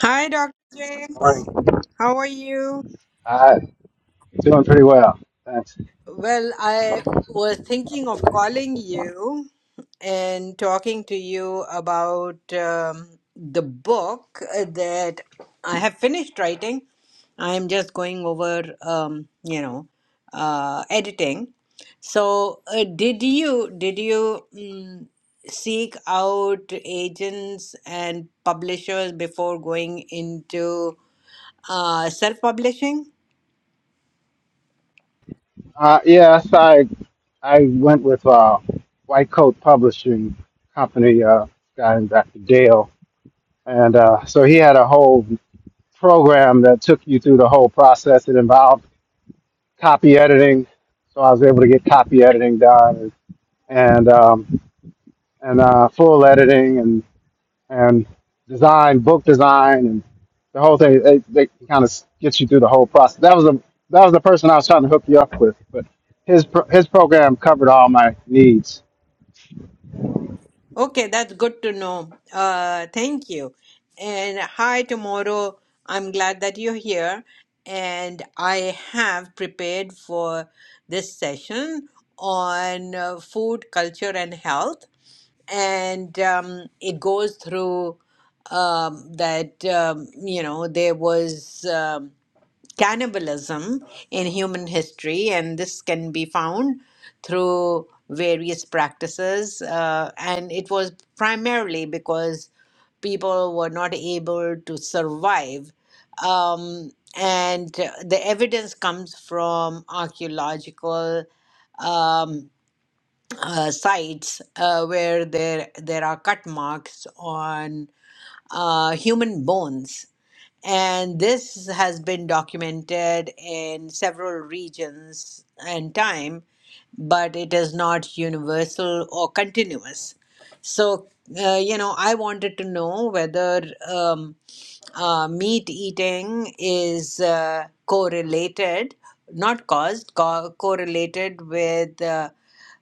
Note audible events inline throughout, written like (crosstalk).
Hi, Dr. James. Morning. How are you? Uh, doing pretty well. Thanks. Well, I was thinking of calling you and talking to you about um, the book uh, that I have finished writing. I'm just going over, um, you know, uh, editing. So, uh, did you did you mm, seek out agents and publishers before going into uh, self-publishing? Uh, yes, I I went with uh, White Coat Publishing Company uh, guy, Dr. Dale, and uh, so he had a whole program that took you through the whole process. It involved copy editing, so I was able to get copy editing done, and um, and uh, full editing, and design, book design, and the whole thing. They, they kind of get you through the whole process. That was a that was the person I was trying to hook you up with, but his pro- his program covered all my needs. Okay, that's good to know. Uh, thank you. And hi, tomorrow. I'm glad that you're here. And I have prepared for this session on uh, food, culture, and health. And um, it goes through um, that, um, you know, there was. Um, cannibalism in human history, and this can be found through various practices. Uh, and it was primarily because people were not able to survive. Um, and uh, the evidence comes from archaeological um, uh, sites uh, where there there are cut marks on uh, human bones and this has been documented in several regions and time, but it is not universal or continuous. So, uh, you know, I wanted to know whether um, uh, meat eating is uh, correlated, not caused, co- correlated with uh,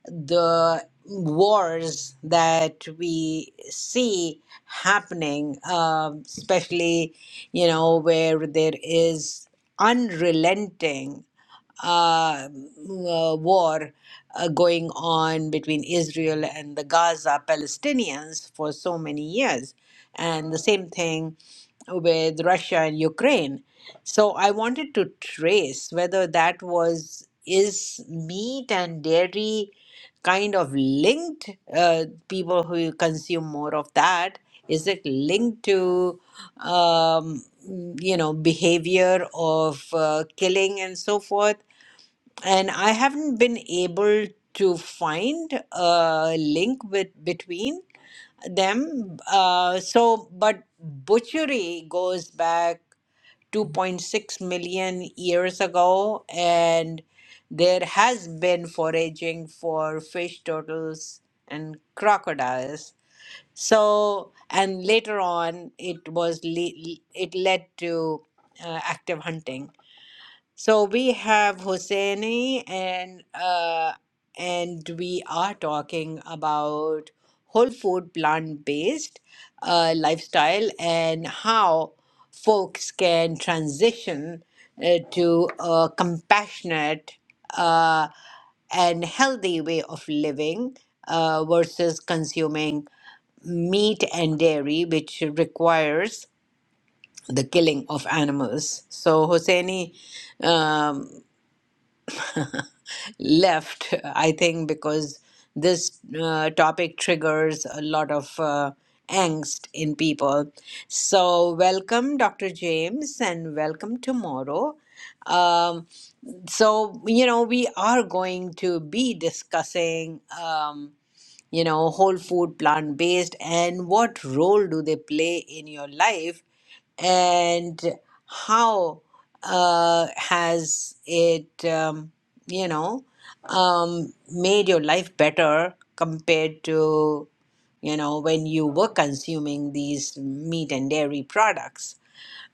the wars that we see happening, um, especially, you know, where there is unrelenting uh, uh, war uh, going on between Israel and the Gaza Palestinians for so many years and the same thing with Russia and Ukraine. So I wanted to trace whether that was is meat and dairy kind of linked uh, people who consume more of that is it linked to um, you know behavior of uh, killing and so forth and I haven't been able to find a link with between them. Uh, so, but butchery goes back 2.6 million years ago, and there has been foraging for fish, turtles, and crocodiles. So, and later on, it was le- it led to uh, active hunting. So we have Hosseini and uh, and we are talking about whole food plant-based uh, lifestyle and how folks can transition uh, to a compassionate uh, and healthy way of living uh, versus consuming meat and dairy, which requires the killing of animals. So, Hosseini, um, left, (laughs) I think, because this uh, topic triggers a lot of uh, angst in people. So, welcome, Dr. James, and welcome tomorrow. Um, so, you know, we are going to be discussing. Um, you know, whole food, plant based, and what role do they play in your life? And how uh, has it, um, you know, um, made your life better compared to, you know, when you were consuming these meat and dairy products?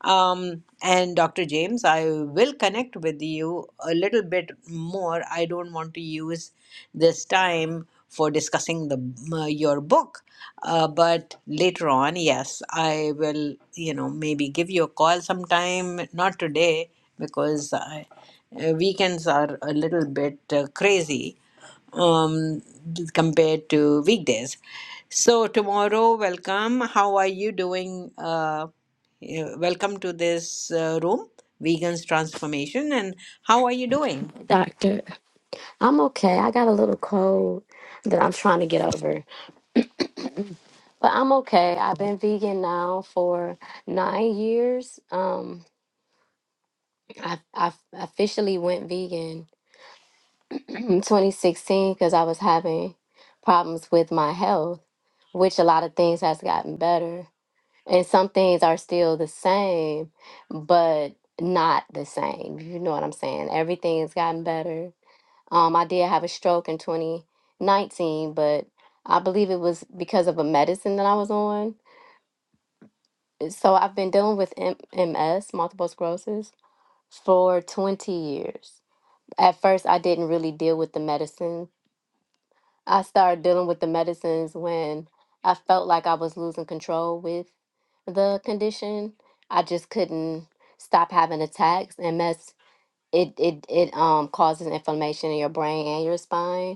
Um, and Dr. James, I will connect with you a little bit more. I don't want to use this time for discussing the uh, your book, uh, but later on, yes, I will. You know, maybe give you a call sometime. Not today because I, uh, weekends are a little bit uh, crazy um, compared to weekdays. So tomorrow, welcome. How are you doing? Uh, yeah, welcome to this uh, room, Vegans Transformation. And how are you doing? Doctor, I'm okay. I got a little cold that I'm trying to get over, but I'm okay. I've been vegan now for nine years. Um, I I officially went vegan (clears throat) in 2016 because I was having problems with my health, which a lot of things has gotten better, and some things are still the same, but not the same. You know what I'm saying? Everything's gotten better Um, I did have a stroke in 2019, but I believe it was because of a medicine that I was on. So I've been dealing with M- MS, multiple sclerosis, for 20 years. At first, I didn't really deal with the medicine. I started dealing with the medicines when I felt like I was losing control with the condition. I just couldn't stop having attacks. MS, it it it um causes inflammation in your brain and your spine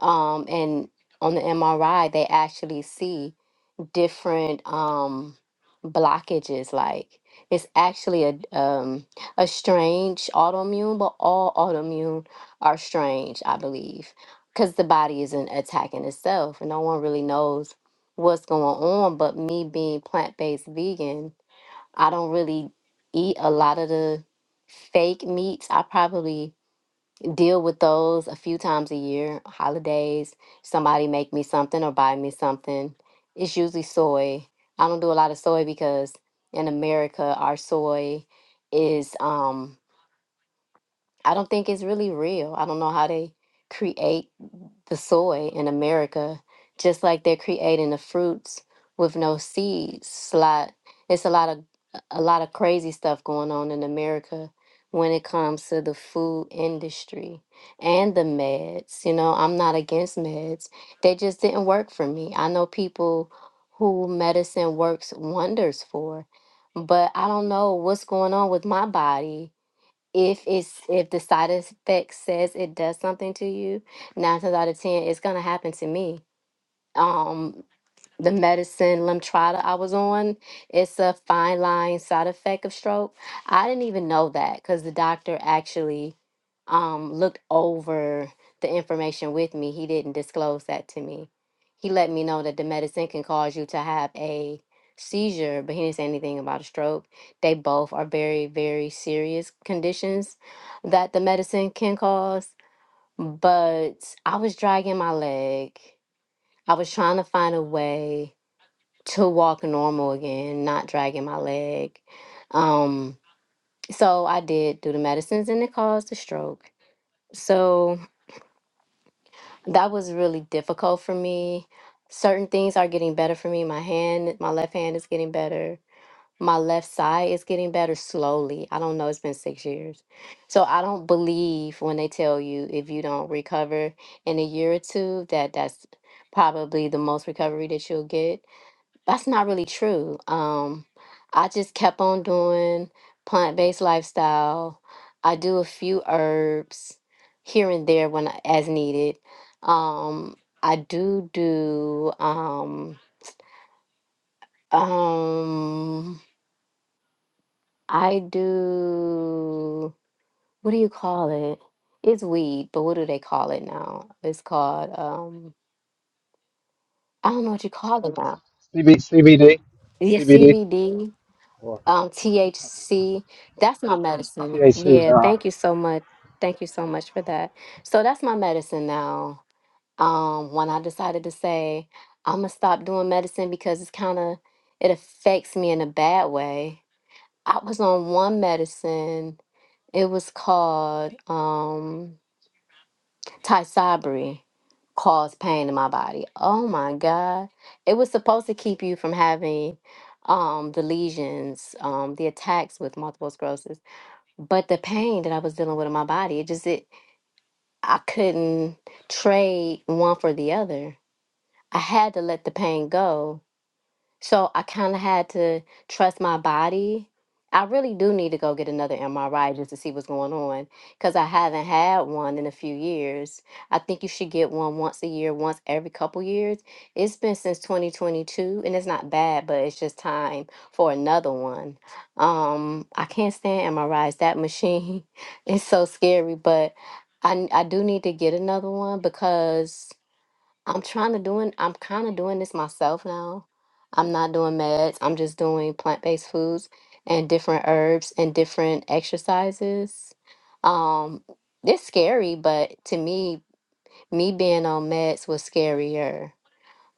um, and on the MRI they actually see different um, blockages. Like it's actually a um, a strange autoimmune, but all autoimmune are strange, I believe, because the body isn't attacking itself, and no one really knows what's going on. But me being plant based vegan, I don't really eat a lot of the fake meats. I probably deal with those a few times a year holidays somebody make me something or buy me something it's usually soy i don't do a lot of soy because in america our soy is um i don't think it's really real i don't know how they create the soy in America, just like they're creating the fruits with no seeds. It's a lot, it's a lot of a lot of crazy stuff going on in America when it comes to the food industry and the meds. You know, I'm not against meds. They just didn't work for me. I know people who medicine works wonders for, but I don't know what's going on with my body if it's if the side effect says it does something to you, nine times out of ten, it's gonna happen to me. Um, the medicine Lemtrada I was on, it's a fine line side effect of stroke. I didn't even know that because the doctor actually um, looked over the information with me, he didn't disclose that to me. He let me know that the medicine can cause you to have a seizure, but he didn't say anything about a stroke. They both are very, very serious conditions that the medicine can cause. But I was dragging my leg. I was trying to find a way to walk normal again, not dragging my leg. Um, so I did do the medicines and it caused a stroke. So that was really difficult for me. Certain things are getting better for me. My hand, my left hand is getting better. My left side is getting better slowly. I don't know, it's been six years. So I don't believe when they tell you if you don't recover in a year or two that that's probably the most recovery that you'll get. That's not really true. Um, I just kept on doing plant-based lifestyle. I do a few herbs here and there when I- as needed. Um, I do do um um I do what do you call it? It's weed, but what do they call it now? It's called um I don't know what you call it now. CB, CBD, Yeah, CBD CBD. or um, THC. That's my medicine. THC. Yeah, Uh, thank you so much. Thank you so much for that. So that's my medicine now. Um, when I decided to say I'm gonna stop doing medicine because it's kind of it affects me in a bad way. I was on one medicine. It was called. um. Tysabri caused pain in my body. Oh my God. It was supposed to keep you from having um the lesions, um, the attacks with multiple sclerosis. But the pain that I was dealing with in my body, it just it I couldn't trade one for the other. I had to let the pain go so I kind of had to trust my body. I really do need to go get another MRI just to see what's going on because I haven't had one in a few years. I think you should get one once a year, once every couple years. It's been since 2022 and it's not bad, but it's just time for another one. Um, I can't stand MRIs. That machine (laughs) is so scary, but I I do need to get another one because I'm trying to doing I'm kind of doing this myself now. I'm not doing meds. I'm just doing plant-based foods and different herbs and different exercises. Um it's scary, but to me, me being on meds was scarier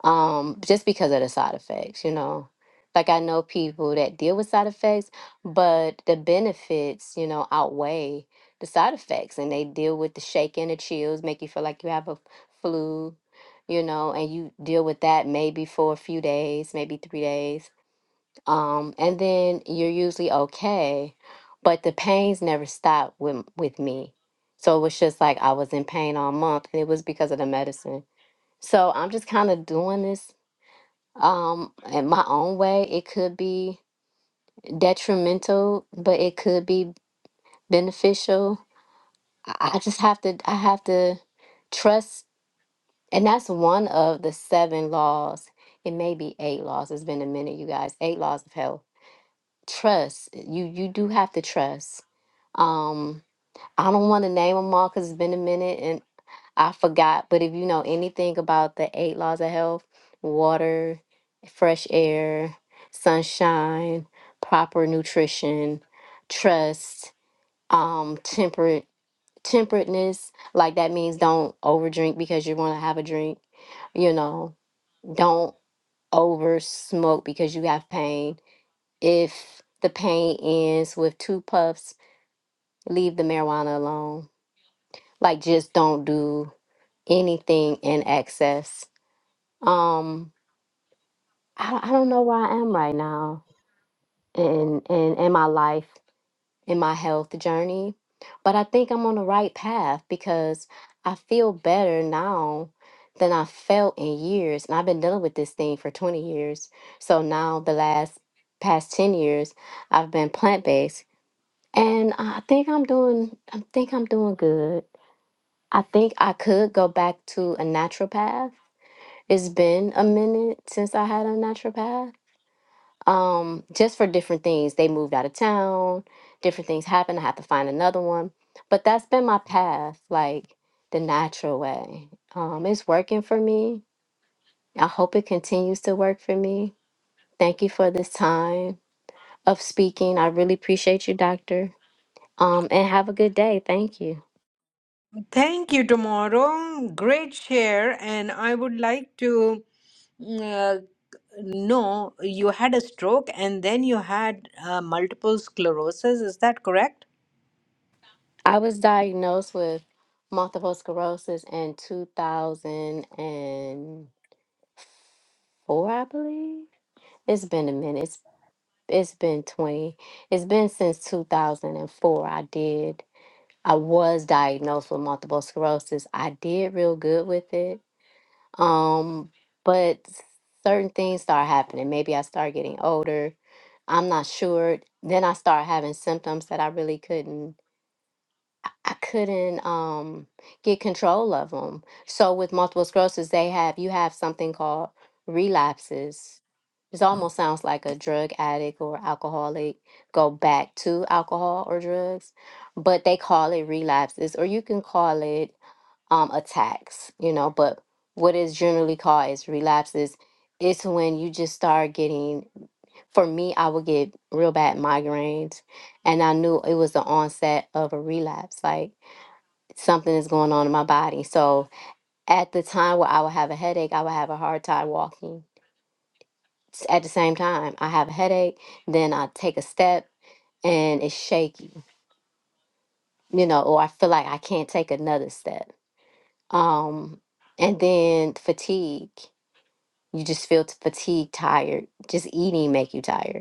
um, just because of the side effects, you know. Like I know people that deal with side effects, but the benefits, you know, outweigh the side effects and they deal with the shaking, the chills, make you feel like you have a flu, you know, and you deal with that maybe for a few days, maybe three days. Um, and then you're usually okay. But the pains never stop with with me. So it was just like I was in pain all month and it was because of the medicine. So I'm just kind of doing this um in my own way it could be detrimental but it could be beneficial i I just have to i have to trust and that's one of the seven laws it may be eight laws it's been a minute you guys eight laws of health trust you you do have to trust um i don't want to name them all because it's been a minute I forgot, but if you know anything about the eight laws of health, water, fresh air, sunshine, proper nutrition, trust, um, temperate temperateness, like that means don't overdrink because you want to have a drink, you know, don't over smoke because you have pain. If the pain ends with two puffs, leave the marijuana alone. Like just don't do anything in excess Um, I don't, I don't know where I am right now in in in my life, in my health journey, but I think I'm on the right path because I feel better now than I felt in years, and I've been dealing with this thing for 20 years. So now the last past 10 years, I've been plant-based, and I think I'm doing I think I'm doing good. I think I could go back to a natural path. It's been a minute since I had a naturopath um, just for different things. They moved out of town, different things happened. I had to find another one. But that's been my path, like the natural way. Um, it's working for me. I hope it continues to work for me. Thank you for this time of speaking. I really appreciate you, doctor. Um, and have a good day. Thank you. Thank you, tomorrow. Great share. And I would like to mm, uh, know you had a stroke and then you had uh, multiple sclerosis. Is that correct? I was diagnosed with multiple sclerosis in 2004, I believe. It's been a minute. it's been 20 it's been since 2004 i did i was diagnosed with multiple sclerosis i did real good with it um but certain things start happening maybe i start getting older i'm not sure then i start having symptoms that i really couldn't I couldn't um, get control of them. So with multiple sclerosis, they have you have something called relapses. This almost sounds like a drug addict or alcoholic go back to alcohol or drugs, but they call it relapses, or you can call it um, attacks. You know, but what is generally called is relapses. It's when you just start getting. For me, I would get real bad migraines, and I knew it was the onset of a relapse. Like something is going on in my body. So at the time where I would have a headache, I would have a hard time walking. S- At the same time, I have a headache, then I take a step and it's shaky, you know, or I feel like I can't take another step. Um, and then fatigue. You just feel t- fatigued, tired. Just eating make you tired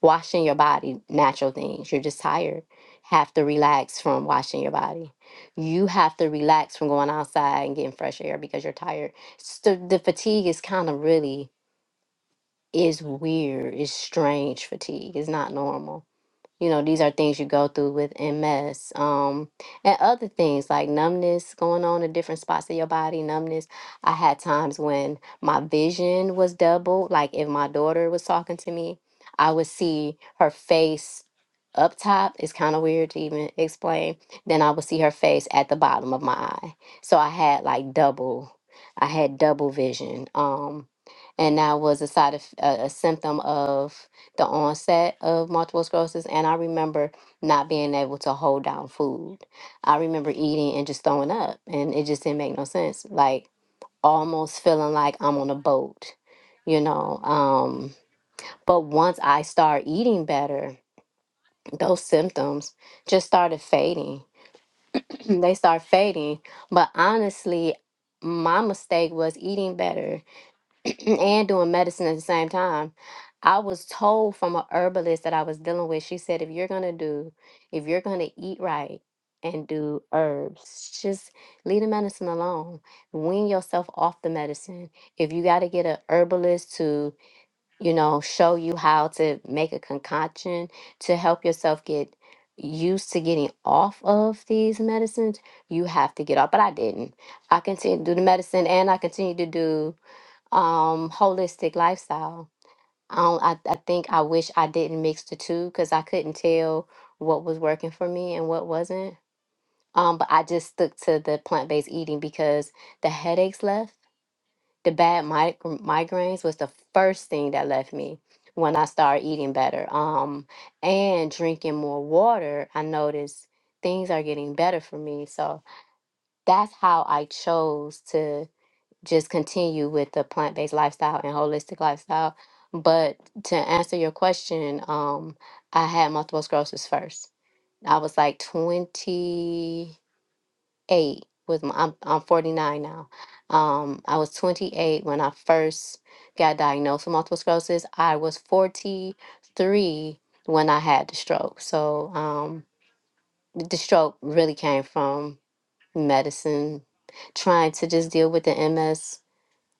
washing your body, natural things. You're just tired. Have to relax from washing your body. You have to relax from going outside and getting fresh air because you're tired. So the fatigue is kind of really is weird. It's strange fatigue. It's not normal you know these are things you go through with ms um and other things like numbness going on in different spots of your body numbness i had times when my vision was doubled like if my daughter was talking to me i would see her face up top it's kind of weird to even explain then i would see her face at the bottom of my eye so i had like double i had double vision um and that was a side of a, a symptom of the onset of multiple sclerosis and I remember not being able to hold down food. I remember eating and just throwing up and it just didn't make no sense. Like almost feeling like I'm on a boat, you know. Um but once I start eating better, those symptoms just started fading. (clears throat) they start fading. But honestly, my mistake was eating better (clears throat) and doing medicine at the same time. I was told from a herbalist that I was dealing with, she said, if you're gonna do, if you're gonna eat right and do herbs, just leave the medicine alone. Wean yourself off the medicine. If you gotta get a herbalist to, you know, show you how to make a concoction to help yourself get used to getting off of these medicines, you have to get off. But I didn't. I continued to do the medicine and I continued to do um holistic lifestyle. I don't, I, I think I wish I didn't mix the two because I couldn't tell what was working for me and what wasn't. Um, but I just stuck to the plant-based eating because the headaches left. The bad mig- migraines was the first thing that left me when I started eating better. Um, and drinking more water, I noticed things are getting better for me. So that's how I chose to just continue with the plant based lifestyle and holistic lifestyle. But to answer your question, um, I had multiple sclerosis first. I was like 28 with my, I'm, I'm 49 now. Um, I was 28 when I first got diagnosed with multiple sclerosis. I was 43 when I had the stroke. So um, the stroke really came from medicine, trying to just deal with the MS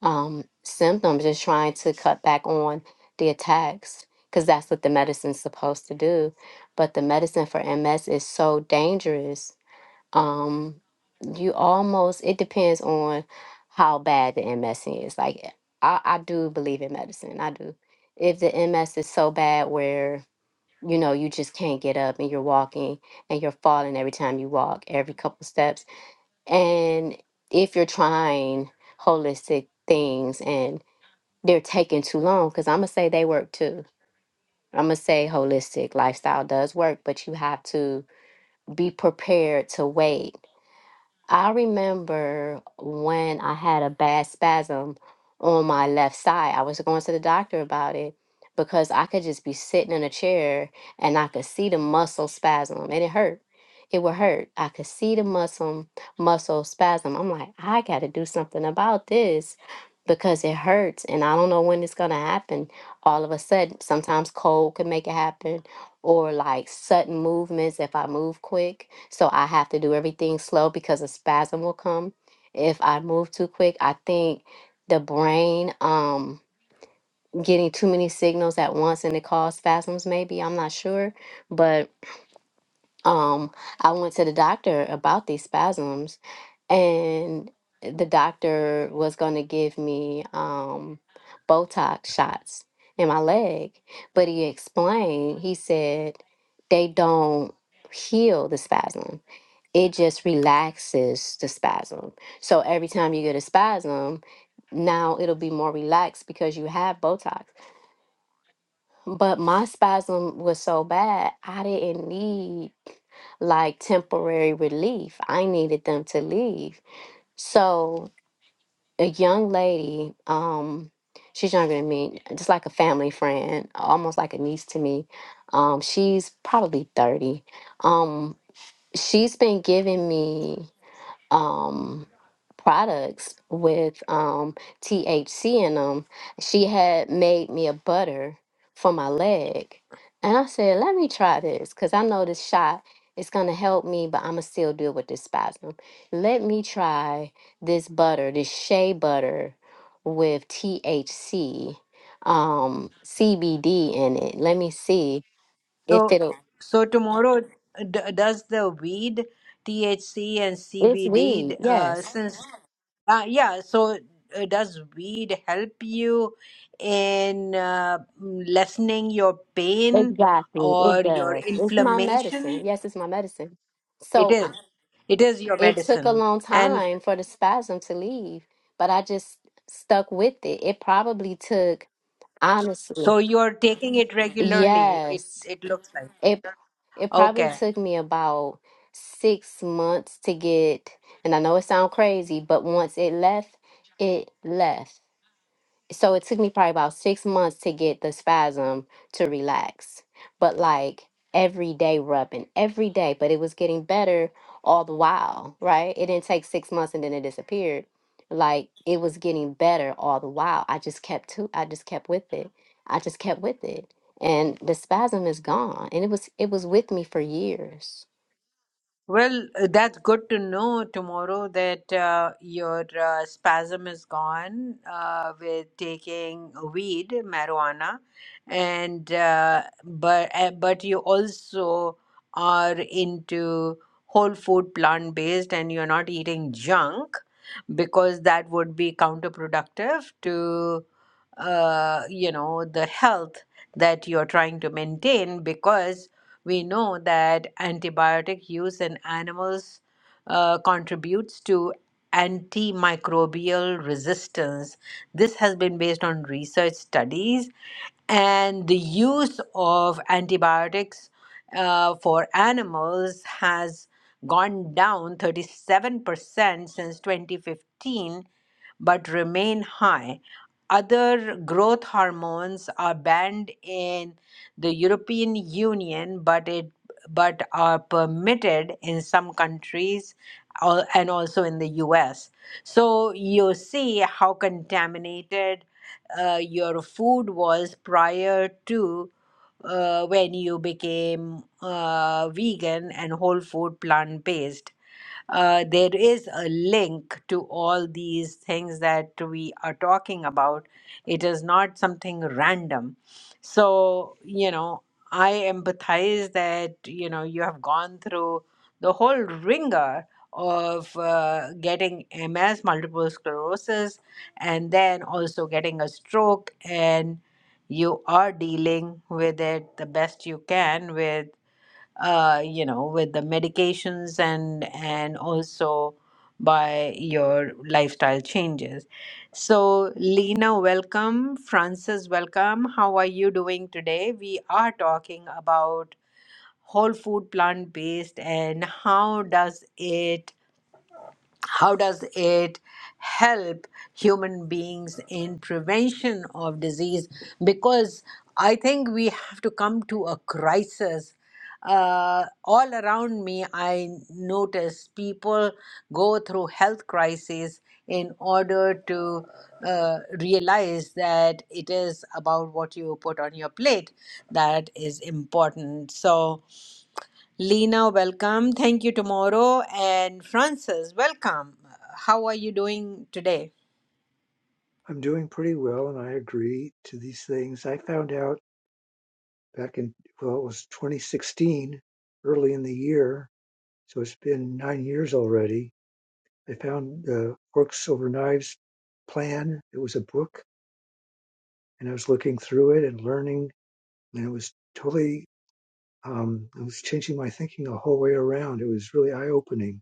um, symptoms is trying to cut back on the attacks because that's what the medicine's supposed to do. But the medicine for MS is so dangerous. Um, you almost, it depends on how bad the MS is. Like, I, I do believe in medicine. I do. If the MS is so bad where, you know, you just can't get up and you're walking and you're falling every time you walk, every couple steps. And if you're trying holistic things and they're taking too long because I'm gonna say they work too. I'm gonna say holistic lifestyle does work, but you have to be prepared to wait I remember when I had a bad spasm on my left side. I was going to the doctor about it because I could just be sitting in a chair and I could see the muscle spasm and it hurt. It would hurt. I could see the muscle muscle spasm. I'm like, I got to do something about this because it hurts and I don't know when it's going to happen. All of a sudden, sometimes cold can make it happen or like sudden movements if I move quick. So I have to do everything slow because a spasm will come if I move too quick. I think the brain um getting too many signals at once and it cause spasms maybe. I'm not sure, but um, I went to the doctor about these spasms, and the doctor was going to give me um, Botox shots in my leg. But he explained, he said, they don't heal the spasm, it just relaxes the spasm. So every time you get a spasm, now it'll be more relaxed because you have Botox. But my spasm was so bad, I didn't need like temporary relief. I needed them to leave. So a young lady, um, she's younger than me, just like a family friend, almost like a niece to me. Um, she's probably 30. Um, she's been giving me um products with um THC in them. She had made me a butter for my leg. And I said, let me try this because I know this shot is going to help me, but I'm going to still deal with this spasm. Let me try this butter, this shea butter with THC, um, CBD in it. Let me see if So, it'll, so tomorrow, d- does the weed, THC and it's CBD, weed. uh, Yes. since, uh, yeah, so uh, does weed help you in uh, mm, lessening your pain Exactly, or it your does. It's my medicine. inflammation? Yes, it's my medicine. It So is. I- It is your it took a medicine. long And time for the spasm to leave, but I just stuck with it. It probably took, honestly, so you're taking it regularly, it, yes, it looks like. it it probably Okay. took me about six months to get, and I know it sounds crazy, but once it left, it left. so it took me probably about six months to get the spasm to relax but like every day rubbing every day but it was getting better all the while right it didn't take six months and then it disappeared like it was getting better all the while i just kept to i just kept with it i just kept with it and the spasm is gone and it was it was with me for years Well, uh, that's good to know tomorrow that uh, your uh, spasm is gone uh, with taking weed, marijuana, and uh, but uh, but you also are into whole food, plant based, and you're not eating junk because that would be counterproductive to uh, you know the health that you're trying to maintain because we know that antibiotic use in animals uh, contributes to antimicrobial resistance. This has been based on research studies and the use of antibiotics uh, for animals has gone down 37% since 2015 but remain high. Other growth hormones are banned in the European Union, but it but are permitted in some countries al- and also in the US. So you see how contaminated uh, your food was prior to uh, when you became uh, vegan and whole food plant based uh, there is a link to all these things that we are talking about. It is not something random. So, you know, I empathize that, you know, you have gone through the whole ringer of uh, getting MS, multiple sclerosis, and then also getting a stroke, and you are dealing with it the best you can with uh, you know, with the medications and and also by your lifestyle changes. So, Lena, welcome. Francis, welcome. How are you doing today? We are talking about whole food plant based and how does it how does it help human beings in prevention of disease because i think we have to come to a crisis uh, all around me i notice people go through health crises in order to uh, realize that it is about what you put on your plate that is important so Lena, welcome. Thank you tomorrow. And Francis, welcome. How are you doing today? I'm doing pretty well, and I agree to these things. I found out back in, well, it was 2016, early in the year, so it's been nine years already. I found the Forks Over Knives plan. It was a book, and I was looking through it and learning, and it was totally, um, it was changing my thinking the whole way around. It was really eye opening.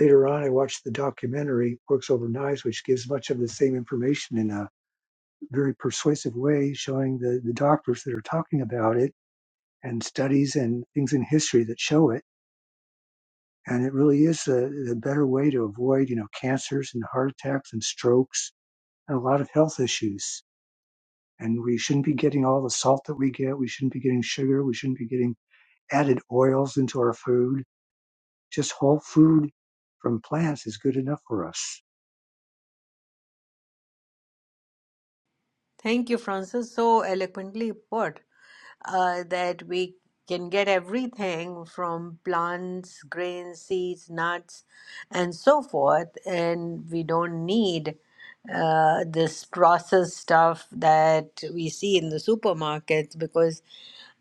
Later on, I watched the documentary Forks Over Knives, which gives much of the same information in a very persuasive way showing the, the doctors that are talking about it and studies and things in history that show it. And it really is a, a better way to avoid, you know, cancers and heart attacks and strokes and a lot of health issues. And we shouldn't be getting all the salt that we get. We shouldn't be getting sugar. We shouldn't be getting added oils into our food. Just whole food from plants is good enough for us. Thank you, Francis. So eloquently put uh, that we can get everything from plants, grains, seeds, nuts, and so forth. And we don't need uh, this processed stuff that we see in the supermarkets because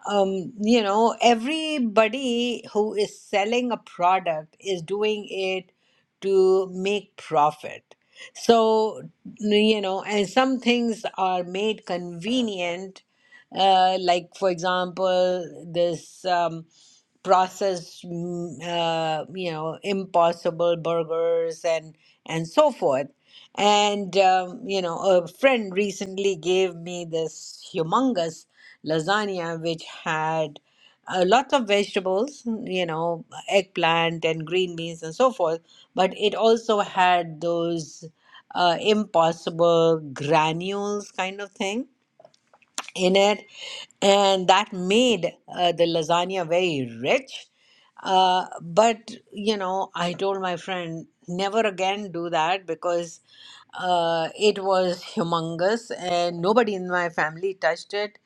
um, you know, everybody who is selling a product is doing it to make profit. So, you know, and some things are made convenient, uh, like, for example, this um, processed, mm, uh, you know, impossible burgers and and so forth and, um, you know, a friend recently gave me this humongous lasagna which had uh, lots of vegetables, you know, eggplant and green beans and so forth, but it also had those uh, impossible granules kind of thing in it, and that made uh, the lasagna very rich. Uh, but you know, I told my friend never again do that because uh, it was humongous, and nobody in my family touched it.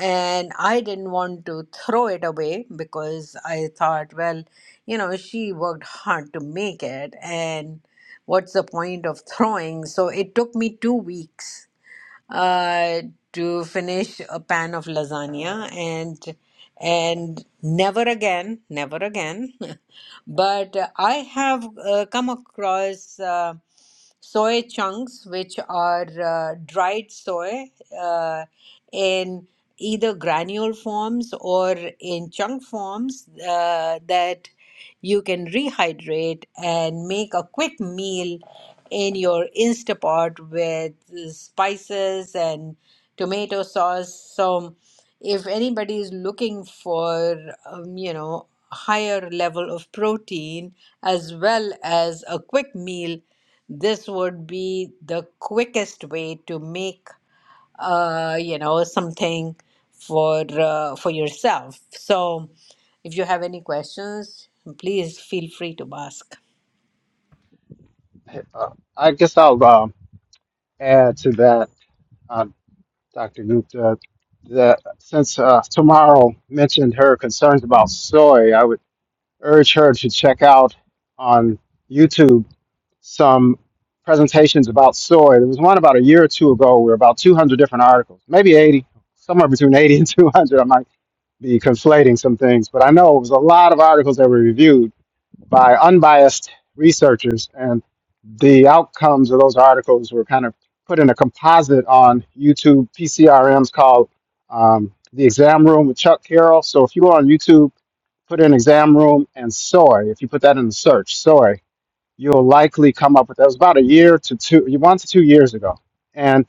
And I didn't want to throw it away because I thought, well, you know, she worked hard to make it, and what's the point of throwing? So it took me two weeks uh, to finish a pan of lasagna and and never again, never again. (laughs) But uh, I have uh, come across uh, soy chunks, which are uh, dried soy uh, in either granule forms or in chunk forms uh, that you can rehydrate and make a quick meal in your Instapot with spices and tomato sauce. So, if anybody is looking for, um, you know, higher level of protein as well as a quick meal, this would be the quickest way to make uh, you know, something for uh, for yourself. So, if you have any questions, please feel free to ask. uh, I guess I'll um, add to that, uh, Dr. Gupta, that since uh, Tomorrow mentioned her concerns about soy, I would urge her to check out on YouTube some presentations about soy. There was one about a year or two ago where about 200 different articles, maybe 80, somewhere between 80 and 200. I might be conflating some things, but I know it was a lot of articles that were reviewed by unbiased researchers, and the outcomes of those articles were kind of put in a composite on YouTube PCRMs called um, the Exam Room with Chuck Carroll. So if you go on YouTube, put in Exam Room and soy. If you put that in the search, soy you'll likely come up with. That was about a year to two, one to two years ago. And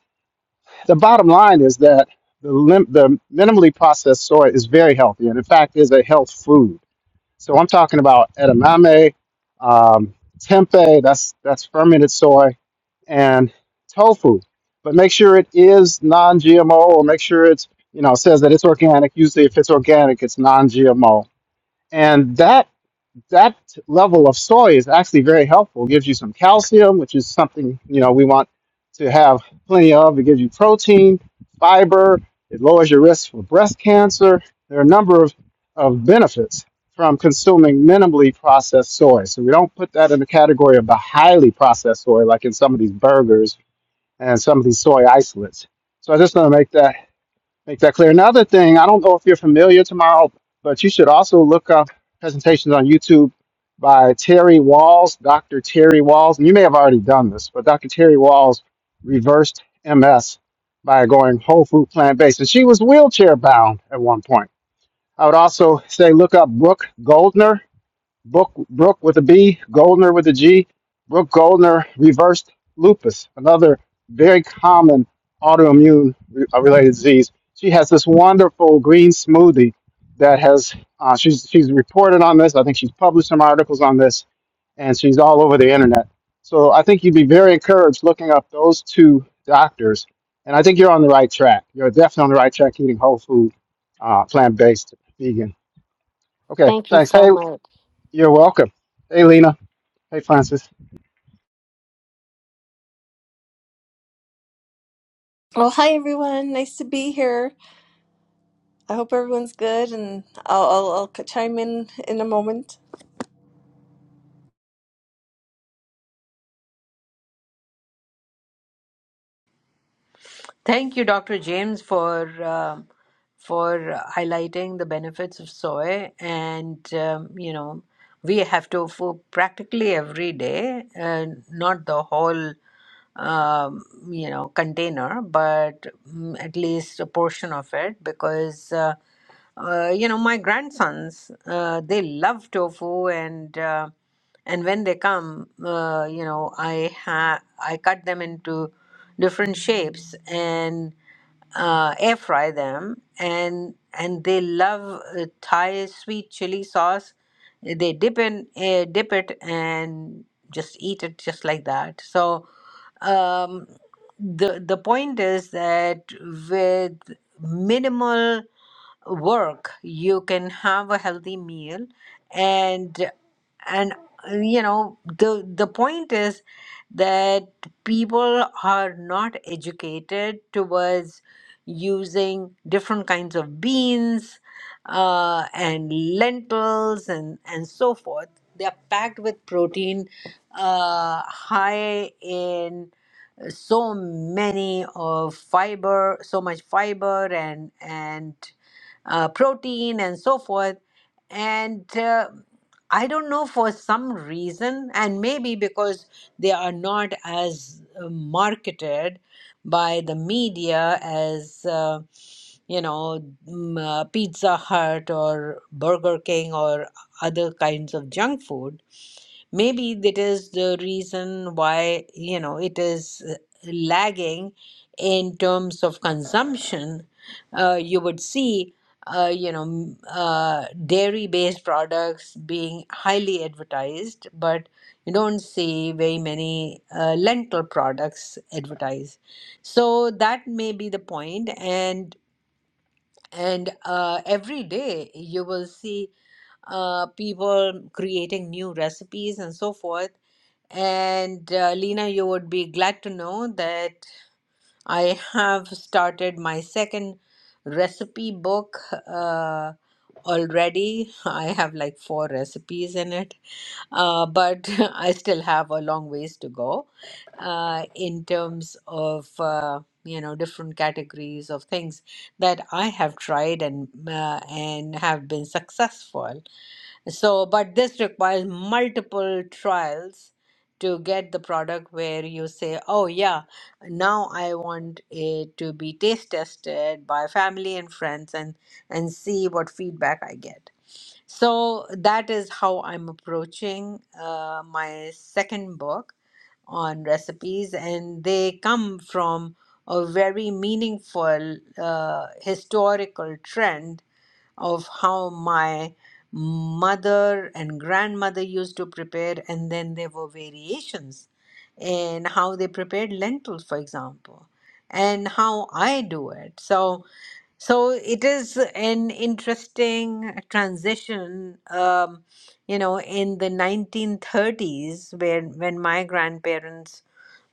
the bottom line is that the, lim- the minimally processed soy is very healthy, and in fact, is a health food. So I'm talking about edamame, um, tempeh. That's that's fermented soy, and tofu. But make sure it is non-GMO, or make sure it's you know says that it's organic. Usually, if it's organic, it's non-GMO, and that that level of soy is actually very helpful. It gives you some calcium, which is something you know we want to have plenty of. It gives you protein, fiber. It lowers your risk for breast cancer. There are a number of, of benefits from consuming minimally processed soy. So we don't put that in the category of the highly processed soy, like in some of these burgers and some of these soy isolates. So I just want to make that make that clear. Another thing, I don't know if you're familiar tomorrow, but you should also look up presentations on YouTube by Terry Walls, Dr. Terry Walls. And you may have already done this, but Dr. Terry Walls reversed MS by going whole food plant based. And she was wheelchair bound at one point. I would also say look up Brooke Goldner. Brooke, Brooke with a B, Goldner with a G. Brooke Goldner reversed lupus, another very common autoimmune re- uh, related disease. She has this wonderful green smoothie that has, uh, she's, she's reported on this. I think she's published some articles on this, and she's all over the internet. So I think you'd be very encouraged looking up those two doctors. And I think you're on the right track. You're definitely on the right track eating whole food, uh, plant based, vegan. Okay, thank you thanks. so Hey, much you're welcome. Hey, Lena. Hey Francis, Well, hi everyone. Nice to be here. I hope everyone's good, and I'll, I'll, I'll c- chime in in a moment. Thank you, Dr. James, for um for uh, highlighting the benefits of soy. And um, you know, we have tofu practically every day, and not the whole um, you know container but mm, at least a portion of it because uh, uh, you know my grandsons uh, they love tofu and uh, and when they come uh, you know i ha- i cut them into different shapes and uh, air fry them and and they love uh, thai sweet chili sauce they dip in uh, dip it and just eat it just like that so um, the the point is that with minimal work you can have a healthy meal and and uh, you know the the point is that people are not educated towards using different kinds of beans uh, and lentils and, and so forth. They are packed with protein, uh, high in so many of fiber, so much fiber and and uh, protein and so forth. And uh, I don't know for some reason, and maybe because they are not as uh, marketed by the media as uh, you know mm, uh, Pizza Hut or Burger King or other kinds of junk food Maybe that is the reason why, you know, it is uh, lagging in terms of consumption. Uh, you would see, uh, you know, m- uh, dairy-based products being highly advertised, but you don't see very many uh, lentil products advertised. So that may be the point, and and uh, every day you will see uh, people creating new recipes and so forth and uh, Lena, you would be glad to know that I have started my second recipe book uh, already. (laughs) I have like four recipes in it uh, but (laughs) I still have a long ways to go uh, in terms of uh, you know different categories of things that I have tried and uh, and have been successful. So, but this requires multiple trials to get the product where you say, oh, yeah, now I want it to be taste tested by family and friends and and see what feedback I get. So that is how I'm approaching uh, my second book on recipes, and they come from a very meaningful uh, historical trend of how my mother and grandmother used to prepare, and then there were variations in how they prepared lentils, for example, and how I do it. So so it is an interesting transition, um, you know, in the 1930s, where when my grandparents,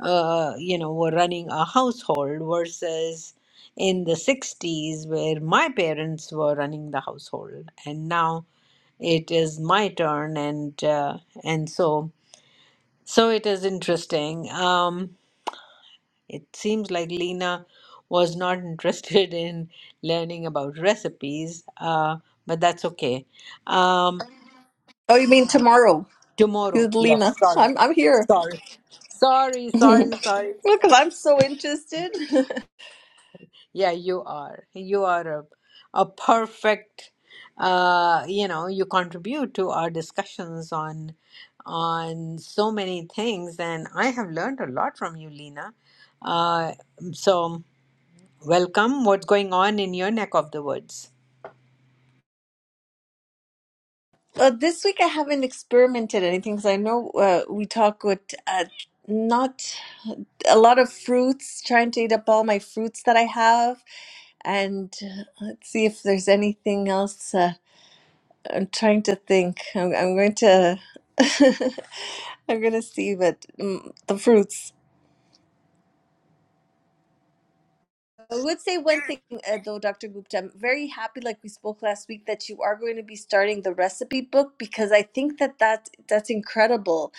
uh, you know, were running a household versus in the 60s, where my parents were running the household, and now it is my turn, and uh, and so so it is interesting. Um, it seems like Lena was not interested (laughs) in learning about recipes, uh, but that's okay. Um, Oh, you mean tomorrow? This tomorrow, is yes, Lena. sorry, I'm I'm here sorry, sorry, (laughs) because sorry, sorry. I'm so interested. (laughs) Yeah, you are. You are a, a perfect. Uh, you know, you contribute to our discussions on on so many things, and I have learned a lot from you, Lena. Uh, so, welcome. What's going on in your neck of the woods? uh, this week I haven't experimented anything because I know uh, we talk with uh, not a lot of fruits. Trying to eat up all my fruits that I have, and uh, let's see if there's anything else. Uh, I'm trying to think. I'm, I'm going to. (laughs) I'm going to see, but mm, the fruits. I would say one thing uh, though, Dr. Gupta. I'm very happy, like we spoke last week, that you are going to be starting the recipe book because I think that that that's incredible.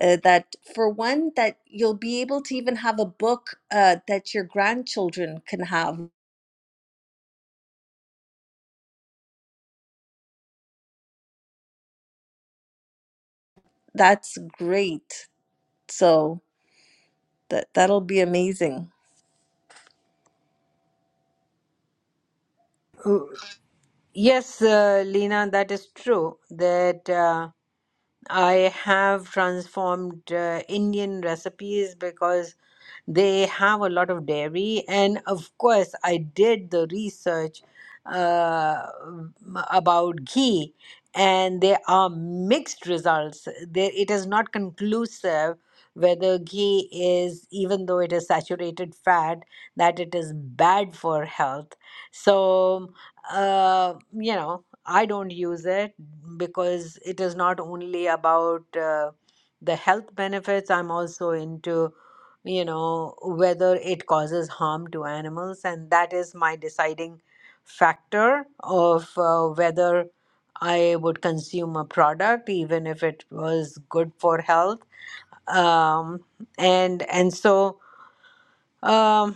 Uh, that for one, that you'll be able to even have a book uh, that your grandchildren can have. That's great. So that that'll be amazing. Oh, Yes, uh, Lena, that is true. That uh, I have transformed uh, Indian recipes because they have a lot of dairy. And of course, I did the research uh, about ghee, and there are mixed results. There, it is not conclusive whether ghee is, even though it is saturated fat, that it is bad for health. So, uh, you know. I don't use it because it is not only about uh, the health benefits, I'm also into, you know, whether it causes harm to animals. And that is my deciding factor of uh, whether I would consume a product, even if it was good for health. Um, and and so um,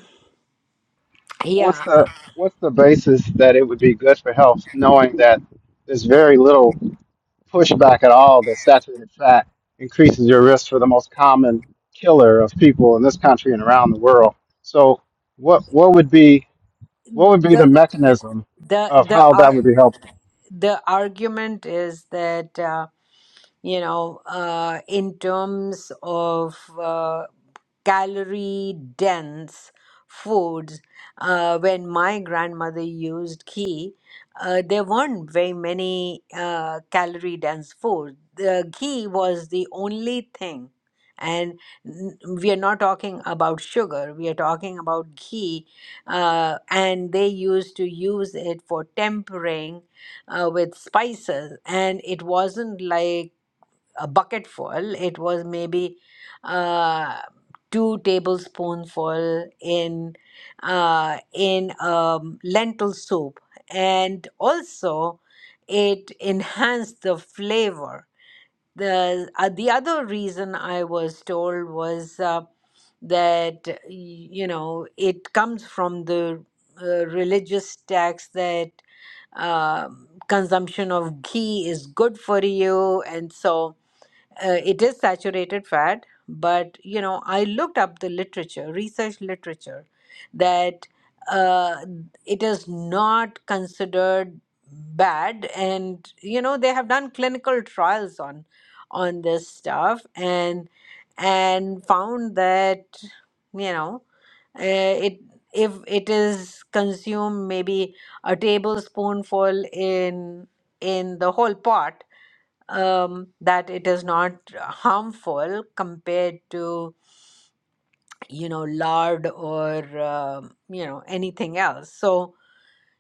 what's yeah, uh, the what's the basis that it would be good for health, knowing that there's very little pushback at all that saturated fat increases your risk for the most common killer of people in this country and around the world. So what what would be what would be the the mechanism the of the how that ar- would be helpful? the argument is that. Uh, you know, uh, in terms of uh, calorie dense foods, uh, when my grandmother used ghee, uh, there weren't very many uh, calorie dense foods. The ghee was the only thing. And n- we are not talking about sugar, we are talking about ghee. Uh, and they used to use it for tempering uh, with spices. And it wasn't like a bucketful. It was maybe uh, two tablespoonful in uh, in um, lentil soup, and also it enhanced the flavor. The uh, the other reason I was told was uh, that y- you know it comes from the uh, religious text that um consumption of ghee is good for you, and so uh, it is saturated fat but you know i looked up the literature research literature that uh, it is not considered bad and you know they have done clinical trials on on this stuff and and found that you know uh, it if it is consumed maybe a tablespoonful in in the whole pot um, that it is not harmful compared to you know lard or um, you know anything else so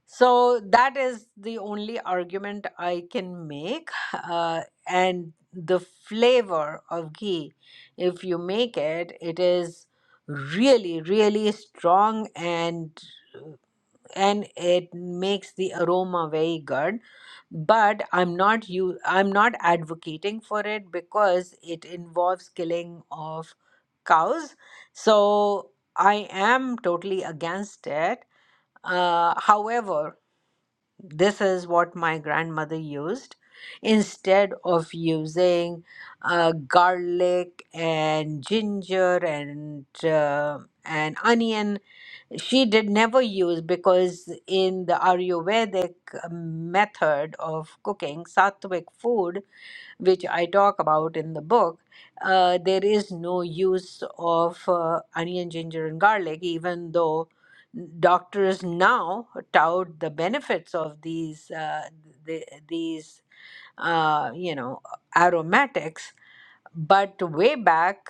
so that is the only argument i can make (laughs) uh, and the flavor of ghee if you make it it is really really strong and and it makes the aroma very good but i'm not you i'm not advocating for it because it involves killing of cows so i am totally against it uh, however this is what my grandmother used instead of using uh, garlic and ginger and uh, and onion she did never use because in the ayurvedic method of cooking sattvic food which i talk about in the book uh, there is no use of uh, onion ginger and garlic even though doctors now tout the benefits of these uh, the, these uh, you know aromatics but way back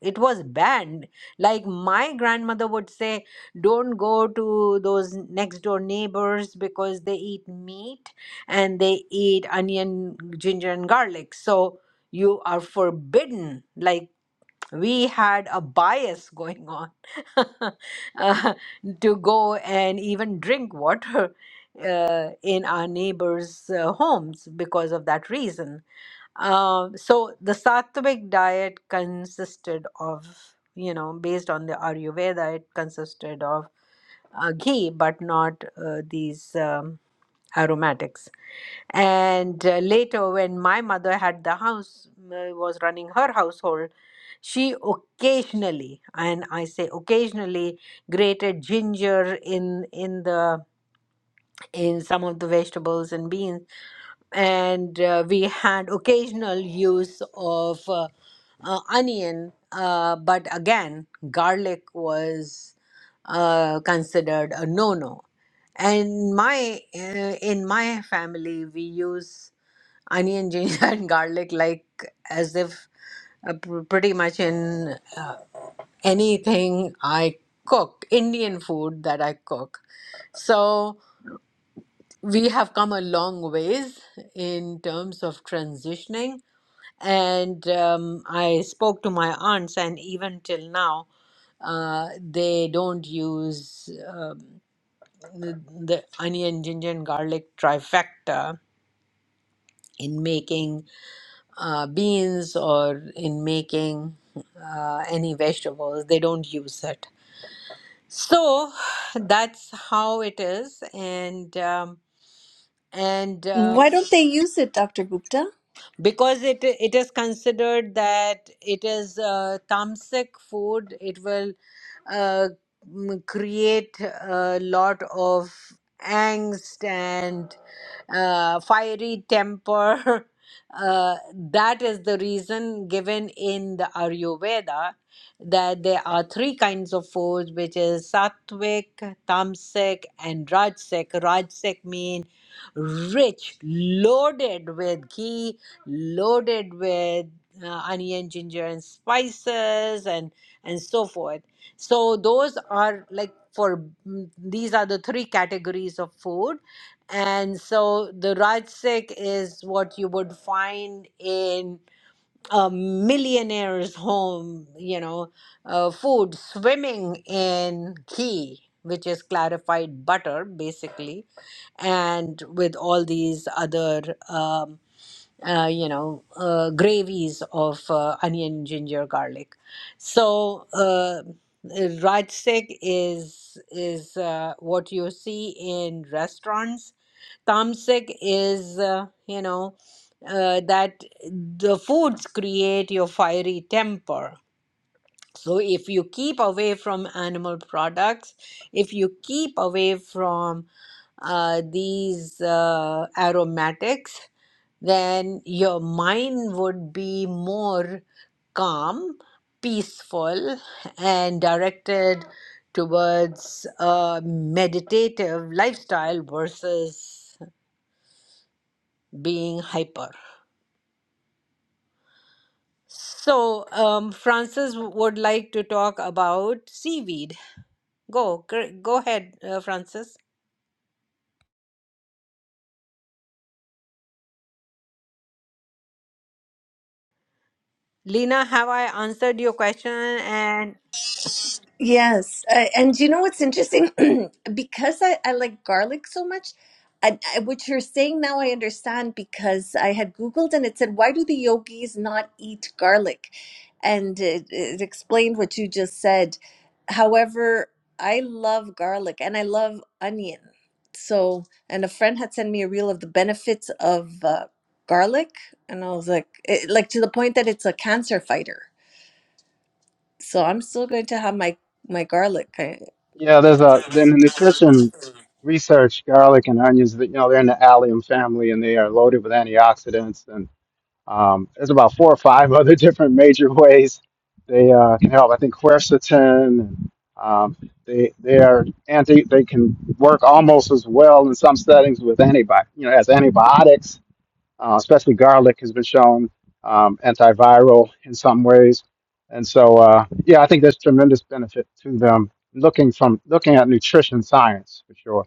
it was banned like my grandmother would say don't go to those next door neighbors because they eat meat and they eat onion ginger and garlic so you are forbidden like we had a bias going on (laughs) uh, to go and even drink water uh, in our neighbors' uh, homes because of that reason uh, so the sattvic diet consisted of, you know, based on the Ayurveda, it consisted of uh, ghee, but not uh, these um, aromatics. And uh, later, when my mother had the house, uh, was running her household, she occasionally, and I say occasionally, grated ginger in in the in some of the vegetables and beans and uh, we had occasional use of uh, uh, onion uh, but again garlic was uh, considered a no-no and my uh, in my family we use onion (laughs) ginger and garlic like as if uh, pr- pretty much in uh, anything i cook indian food that i cook so we have come a long ways in terms of transitioning. And um, I spoke to my aunts, and even till now, uh, they don't use um, the, the onion, ginger, and garlic trifecta in making uh, beans or in making uh, any vegetables. They don't use it. So that's how it is. And um, and uh, Why don't they use it, Dr. Gupta? because it it is considered that it is uh, tamasic food it will uh, m- create a lot of angst and uh, fiery temper. (laughs) Uh, that is the reason given in the Ayurveda that there are three kinds of foods, which is sattvic, tamasic, and rajasic. Rajasic mean rich, loaded with ghee, loaded with uh, onion, ginger, and spices, and and so forth. So those are like for mm, these are the three categories of food and so the Rajsik is what you would find in a millionaire's home, you know, uh, food swimming in ghee, which is clarified butter, basically, and with all these other, um, uh, you know, uh, gravies of uh, onion, ginger, garlic. So, uh, Rajsik is is uh, what you see in restaurants Tamasic is, uh, you know, uh, that the foods create your fiery temper. So if you keep away from animal products, if you keep away from uh, these uh, aromatics, then your mind would be more calm, peaceful, and directed towards a meditative lifestyle versus being hyper. So, um, Francis w- would like to talk about seaweed. Go, gr- go ahead, uh, Francis. Lena, have I answered your question? And Yes. Uh, and you know what's interesting? (clears throat) because I, I like garlic so much, I, I, what you're saying now I understand because I had Googled and it said, why do the yogis not eat garlic? And it, it explained what you just said. However, I love garlic and I love onion. So, and a friend had sent me a reel of the benefits of uh, garlic. And I was like, it, like to the point that it's a cancer fighter. So I'm still going to have my my garlic. Yeah, there's a in the nutrition research, garlic and onions, that you know, they're in the allium family and they are loaded with antioxidants and. Um, there's about four or five (laughs) other different major ways they uh, can help. I think quercetin. Um, they they are anti. They can work almost as well in some settings with antibiotics. You know, as antibiotics, uh, especially garlic has been shown um, antiviral in some ways. And so, uh, yeah, I think there's tremendous benefit to them. Looking from looking at nutrition science for sure.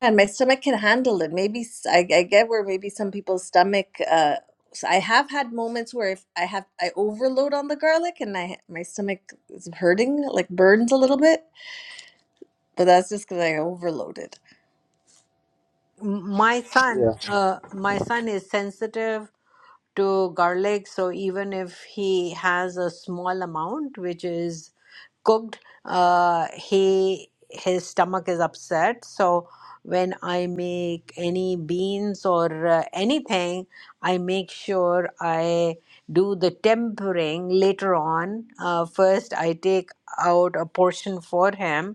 And my stomach can handle it. Maybe s- I, I get where maybe some people's stomach. Uh, so I have had moments where if I have I overload on the garlic and I my stomach is hurting, like burns a little bit. But that's just because I overloaded. m- my Yeah. son, uh, my son is sensitive to garlic. So even if he has a small amount, which is cooked, uh, he his stomach is upset. So when I make any beans or uh, anything, I make sure I do the tempering later on. Uh, first, I take out a portion for him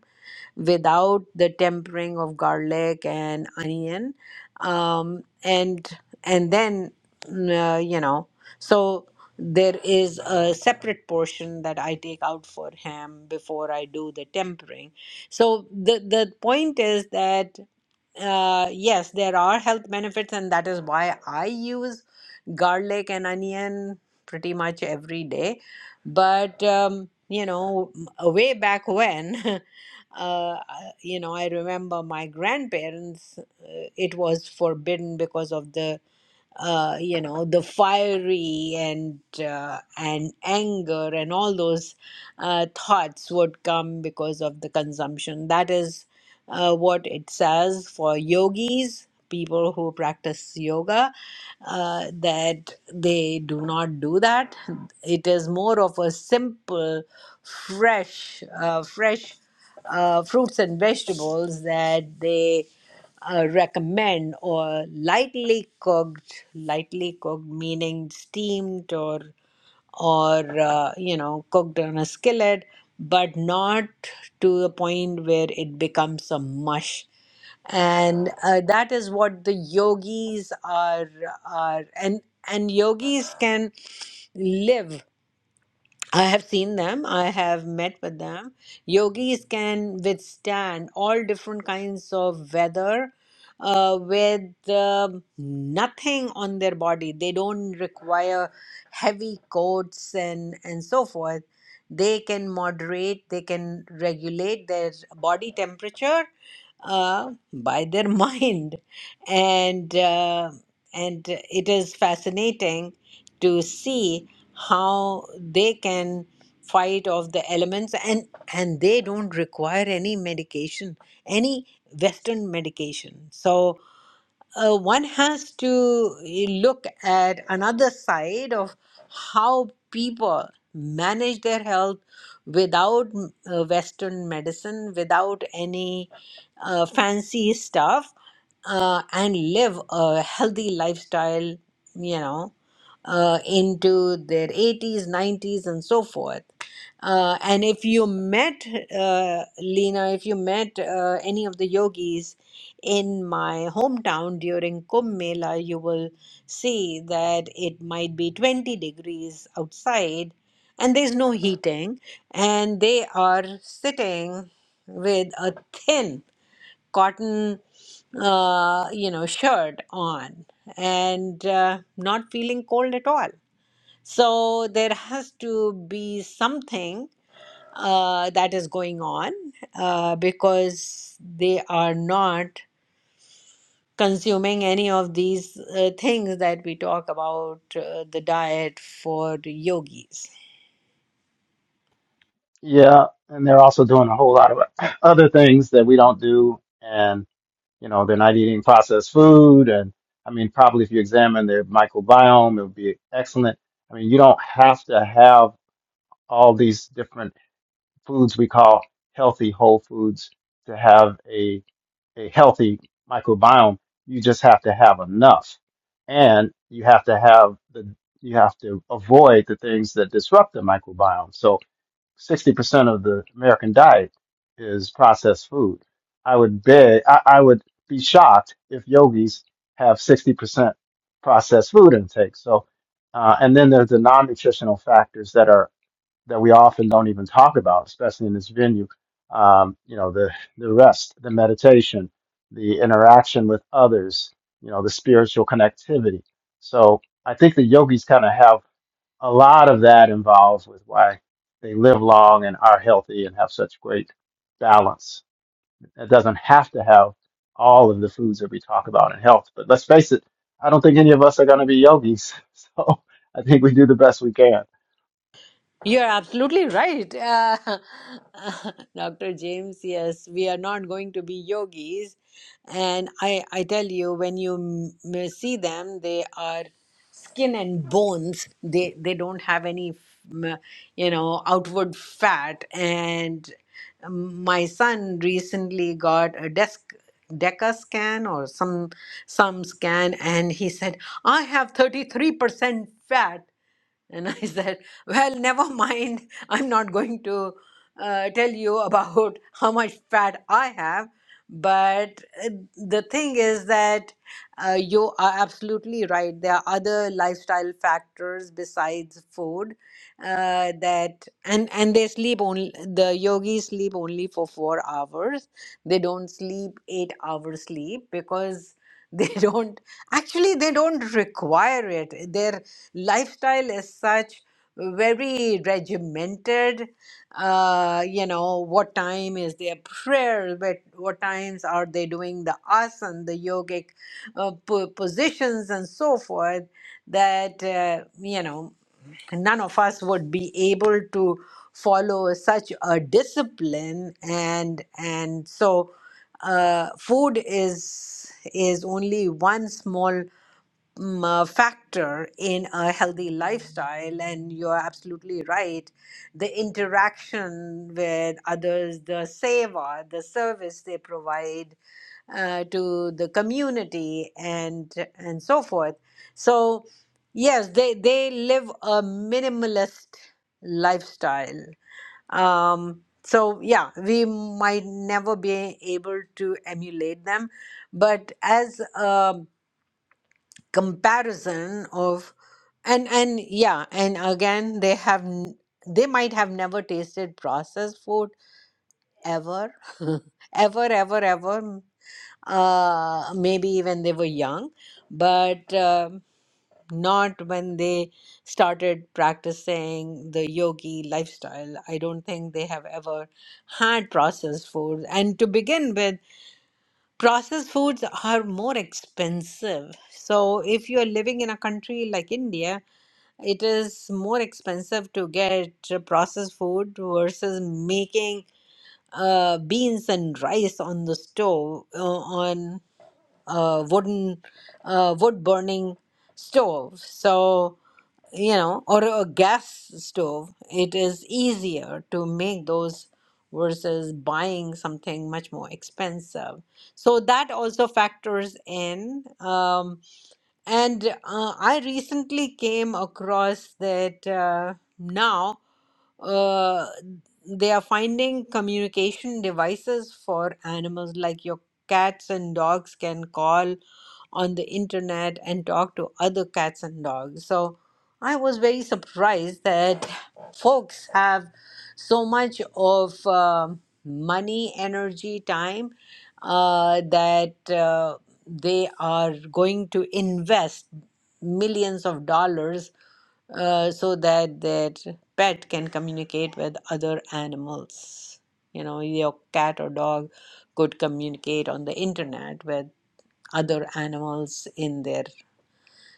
without the tempering of garlic and onion um, and and then mm, uh, you know so there is a separate portion that i take out for him before i do the tempering so the the point is that uh, yes, there are health benefits, and that is why I use garlic and onion pretty much every day. But um, you know, m- way back when, (laughs) uh, you know, I remember my grandparents, uh, it was forbidden because of the uh, you know the fiery and uh, and anger and all those uh, thoughts would come because of the consumption that is uh, what it says for yogis people who practice yoga uh, that they do not do that it is more of a simple fresh uh, fresh uh, fruits and vegetables that they uh, recommend or lightly cooked lightly cooked meaning steamed or or uh, you know cooked on a skillet but not to the point where it becomes a mush and uh, that is what the yogis are are and and yogis can live I have seen them. I have met with them. Yogis can withstand all different kinds of weather uh, with um nothing on their body. They don't require heavy coats and, and so forth. They can moderate, they can regulate their body temperature uh, by their (laughs) mind. And, uh, and it is fascinating to see how they can fight off the elements and and they don't require any medication any western medication so uh, one has to eh, look at another side of how people manage their health without mm, uh, Western medicine, without any uh, fancy stuff, uh, and live a healthy lifestyle, you know, uh, into their 80s, 90s, and so forth. Uh, and if you met uh, Lena, if you met uh, any of the yogis, in my hometown during Kumbh Mela, you will see that it might be 20 degrees outside and there's no heating, and they are sitting with a thin cotton, uh, you know, shirt on and uh, not feeling cold at all. So there has to be something uh, that is going on uh, because they are not consuming any of these uh, things that we talk about uh, the diet for yogis. Yeah, and they're also doing a whole lot of other things that we don't do, and. You know, they're not eating processed food. And I mean, probably if you examine their microbiome, it would be excellent. I mean, you don't have to have all these different foods we call healthy whole foods to have a, a healthy microbiome. You just have to have enough. And you have to have the, you have to avoid the things that disrupt the microbiome. So, 60% of the American diet is processed food. I would beg, I, I would be shocked if yogis have 60% processed food intake. So, uh, and then there's the non-nutritional factors that are, that we often don't even talk about, especially in this venue. Um, you know, the, the rest, the meditation, the interaction with others, you know, the spiritual connectivity. So I think the yogis kind of have a lot of that involves with why they live long and are healthy and have such great balance. It doesn't have to have all of the foods that we talk about in health, but let's face it, I don't think any of us are going to be yogis. (laughs) So I think we do the best we can. You're absolutely right. Uh, (laughs) Dr. James, yes, we are not going to be yogis. And I, I tell you, when you m- see them, they are skin and bones they they don't have any mm, you know outward fat and um, my son recently got a desk deca scan or some some scan and he said i have 33% fat and I (laughs) said, Well, never mind. I'm not going to uh, tell you about (laughs) how much fat I have. But uh, the thing is that uh, you are absolutely right. There are other lifestyle factors besides food uh, that, and, and they sleep only, the yogis sleep only for four hours. They don't sleep eight hours sleep because (laughs) they don't actually they don't require it their lifestyle is such very regimented uh, you know what time is their prayer what, what times are they doing the asana the yogic uh, po- positions and so forth that uh, you know none of us would be able to follow such a discipline and and so uh, food is is only one small um, uh, factor in a healthy lifestyle and you're absolutely right the interaction with others the seva the service they provide uh, to the community and and so forth so Yes, they they live a minimalist lifestyle. Um, so yeah, we might never be able to emulate them, but as a comparison of, and and yeah, and again, they have n- they might have never tasted processed food ever, (laughs) ever, ever, ever. Uh, maybe even they were young, but. um not when they started practicing the yogi lifestyle. I don't think they have ever had processed foods. And to begin with, processed foods are more expensive. So if you're living in a country like India, it is more expensive to get processed food versus making uh, beans and rice on the stove uh, on a wooden uh, wood burning stove. So you know, or a gas stove, it is easier to make those versus buying something much more expensive. So that also factors in. Um, and uh, I recently came across that uh, now uh, they are finding communication devices for animals like your cats and dogs can call on the internet and talk to other cats and dogs. So I was very surprised that folks have so much of um money, energy, time uh, that uh, they are going to invest millions of dollars uh, so that that pet can communicate with other animals. You know, your cat or dog could communicate on the internet with other animals in there.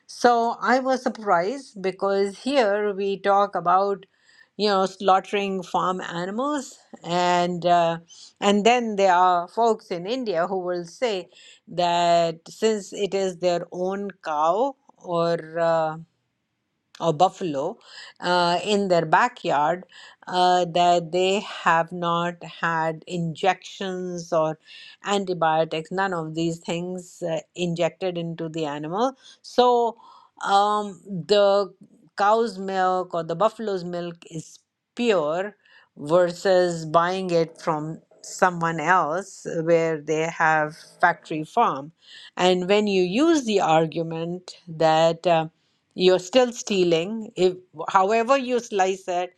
So I was surprised because here we talk about, you know, slaughtering farm animals, and uh, and then there are folks in India who will say that since it is their own cow or uh, or buffalo uh, in their backyard uh, that they have not had injections or antibiotics, none of these things uh, injected into the animal. So um, the cow's milk or the buffalo's milk is pure versus buying it from someone else where they have factory farm and when you use the argument that uh, you're still stealing if however you slice it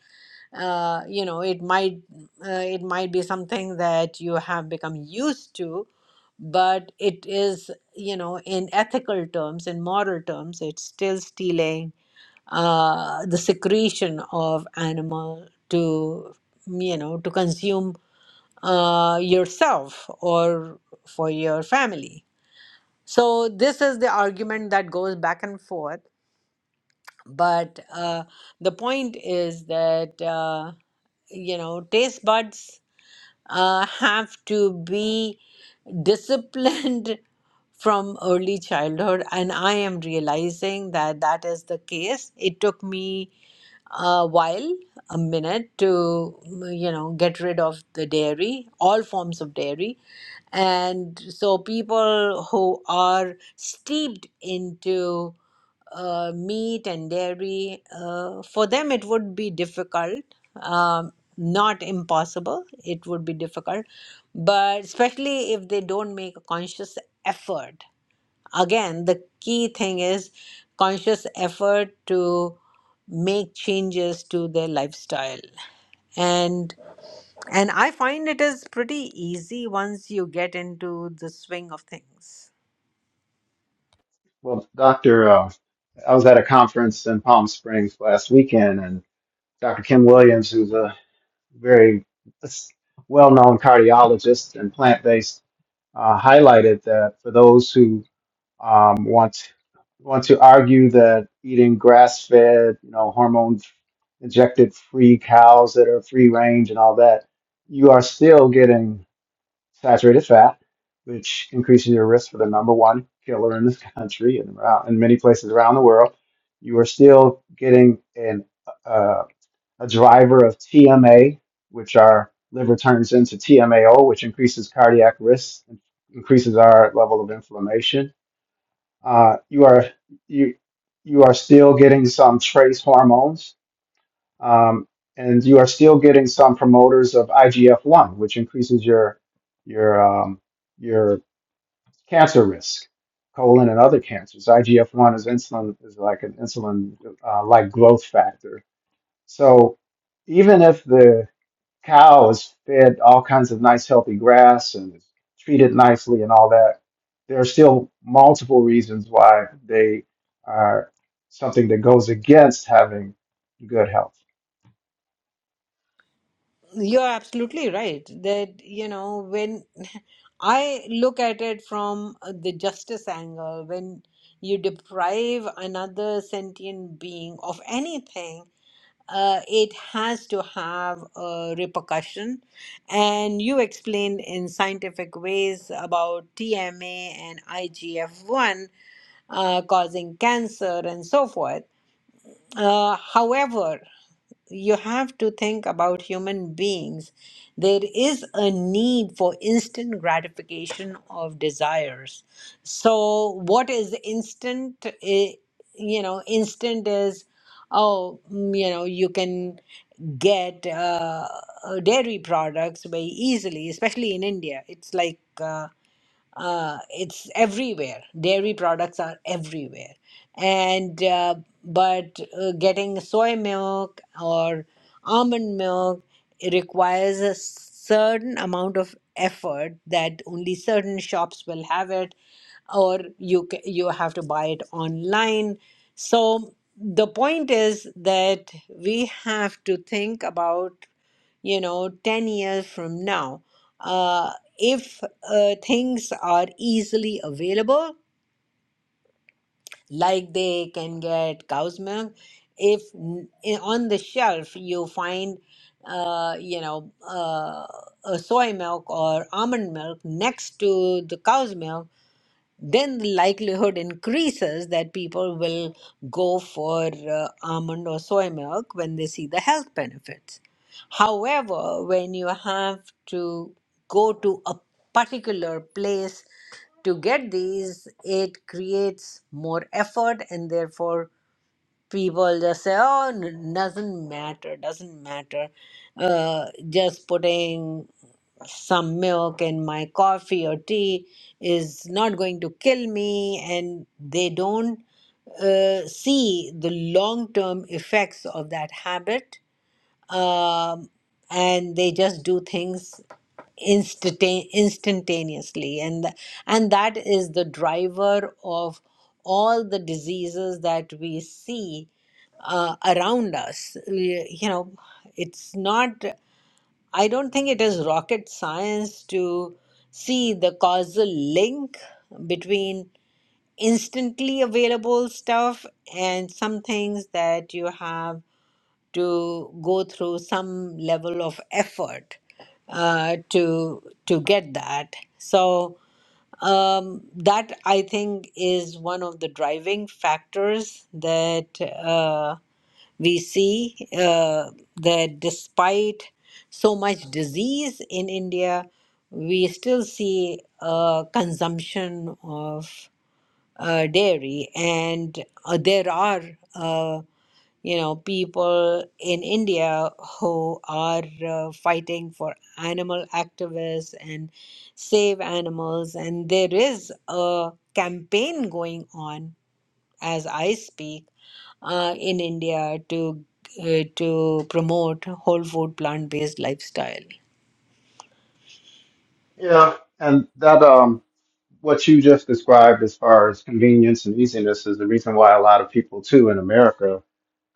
uh, you know it might uh, it might be something that you have become used to but it is you know in ethical terms in moral terms it's still stealing uh, the secretion of animal to you know to consume uh, yourself or for your family so this is the argument that goes back and forth but uh, the point is that uh, you know taste buds uh, have to be disciplined (laughs) from early childhood and i am realizing that that is the case it took me a while, a minute to, mm, you know, get rid of the dairy, all forms of dairy. And so people who are steeped into uh, meat and dairy, uh, for them it would be difficult, um, not impossible, it would be difficult, but especially if they don't make a conscious effort Again, the key thing is conscious effort to make changes to their lifestyle. And and I find it is pretty easy once you get into the swing of things. Well, Dr. Uh, I was at a conference in Palm Springs last weekend, and Dr. Kim Williams, who's a very well known cardiologist and plant based uh, highlighted that for those who um, want to, want to argue that eating grass fed, you know, hormone injected free cows that are free range and all that, you are still getting saturated fat, which increases your risk for the number one killer in this (laughs) country and around in many places around the world. You are still getting an uh, a driver of TMA, which our liver turns into TMAO, which increases cardiac risk and increases our level of inflammation. Uh, you are you you are still getting some trace hormones, um, and you are still getting some promoters of IGF one, which increases your your um, your cancer risk, colon and other cancers. IGF one is insulin is like an insulin uh, like growth factor so even if the cow is fed all kinds of nice healthy grass and is treated nicely and all that, there are still multiple reasons why they are something that goes against having good health. You're absolutely right that, you know, when (laughs) I look at it from uh, the justice angle, when you deprive another sentient being of anything, uh, it has to have a repercussion. And you explained in scientific ways about TMA and IGF 1 uh, causing cancer and so forth. Uh, however, you have to think about human beings. There is a need for instant gratification of desires. So, what is instant? I- You know, instant is, oh, mm, you know, you can get uh, uh, dairy products very easily, especially in India. It's like uh, uh, it's everywhere. Dairy products are everywhere, and uh, but uh, getting soy milk or almond milk it requires a certain amount of effort that only certain shops will have it, or you ca- you have to buy it online. So the point is that we have to think about you know 10 years from now uh, if uh, things are easily available, like they can get cow's milk, if n- i- on the shelf you find, uh, you know, uh, a soy milk or almond milk next to the cow's milk then the likelihood increases that people will go for uh, almond or soy milk when they see the health benefits. However, when you have to go to a particular place to get these, it creates more effort and therefore people just say, "Oh, n- doesn't matter, doesn't matter." Uh, just putting some milk in my coffee or tea is not going to kill me, and they don't uh, see the long-term effects of that habit um, and they just do things instanta- instantaneously and th- and that is the driver of all the diseases that we see uh, around us Y- you know it's not i don't think it is rocket science to see the causal link between instantly available stuff and some things that you have to go through some level of effort uh, to to get that. So um, that I think is one of the driving factors that uh, we see uh, that despite so much disease in India, we still see uh, consumption of uh, dairy, and uh, there are. uh, you know, people in India who are uh, fighting for animal activists and save animals. And there is a campaign going on as I speak uh, in India to uh, to promote whole food plant based lifestyle. Yeah, and that um, what you just described as far as convenience and easiness is the reason why a lot of people too in America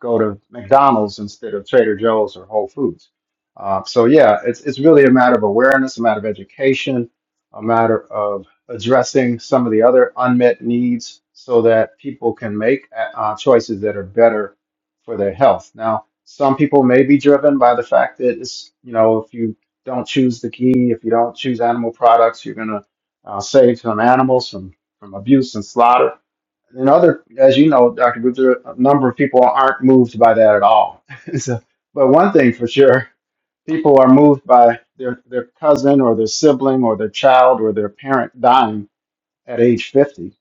go to McDonald's instead of Trader Joe's or Whole Foods. Uh, so yeah, it's it's really a matter of awareness, a matter of education, a matter of addressing some of the other unmet needs so that people can make uh, choices that are better for their health. Now, some people may be driven by the fact that it's you know if you don't choose the key. If you don't choose animal products, you're going to uh, save some animals from, from abuse and slaughter. And other, as you know, Dr. Butcher, a number of people aren't moved by that at all. (laughs) so, but one thing for sure, people are moved by their, their cousin or their sibling or their child or their parent dying at age 50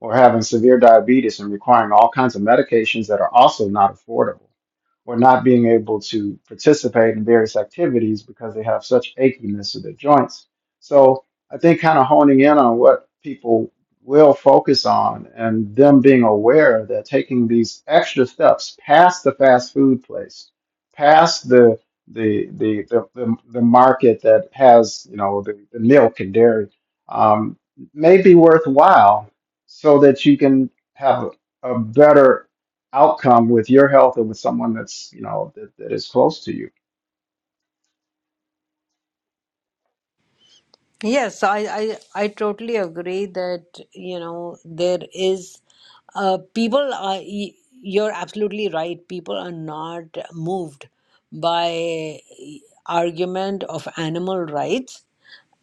or having severe diabetes and requiring all kinds of medications that are also not affordable or not being able to participate in various activities because they have such achiness to their joints. So I think kind of honing in on what people will focus on and them being aware that taking these extra steps past the fast food place, past the the the the, the, the market that has you know the, the milk and dairy. Um, may be worthwhile so that you can have a, a better outcome with your health and with someone that's you know that, that is close to you. Yes, I, I, I totally agree that, you know, there is, uh, people are, y- you're absolutely right. People are not moved by e, argument of animal rights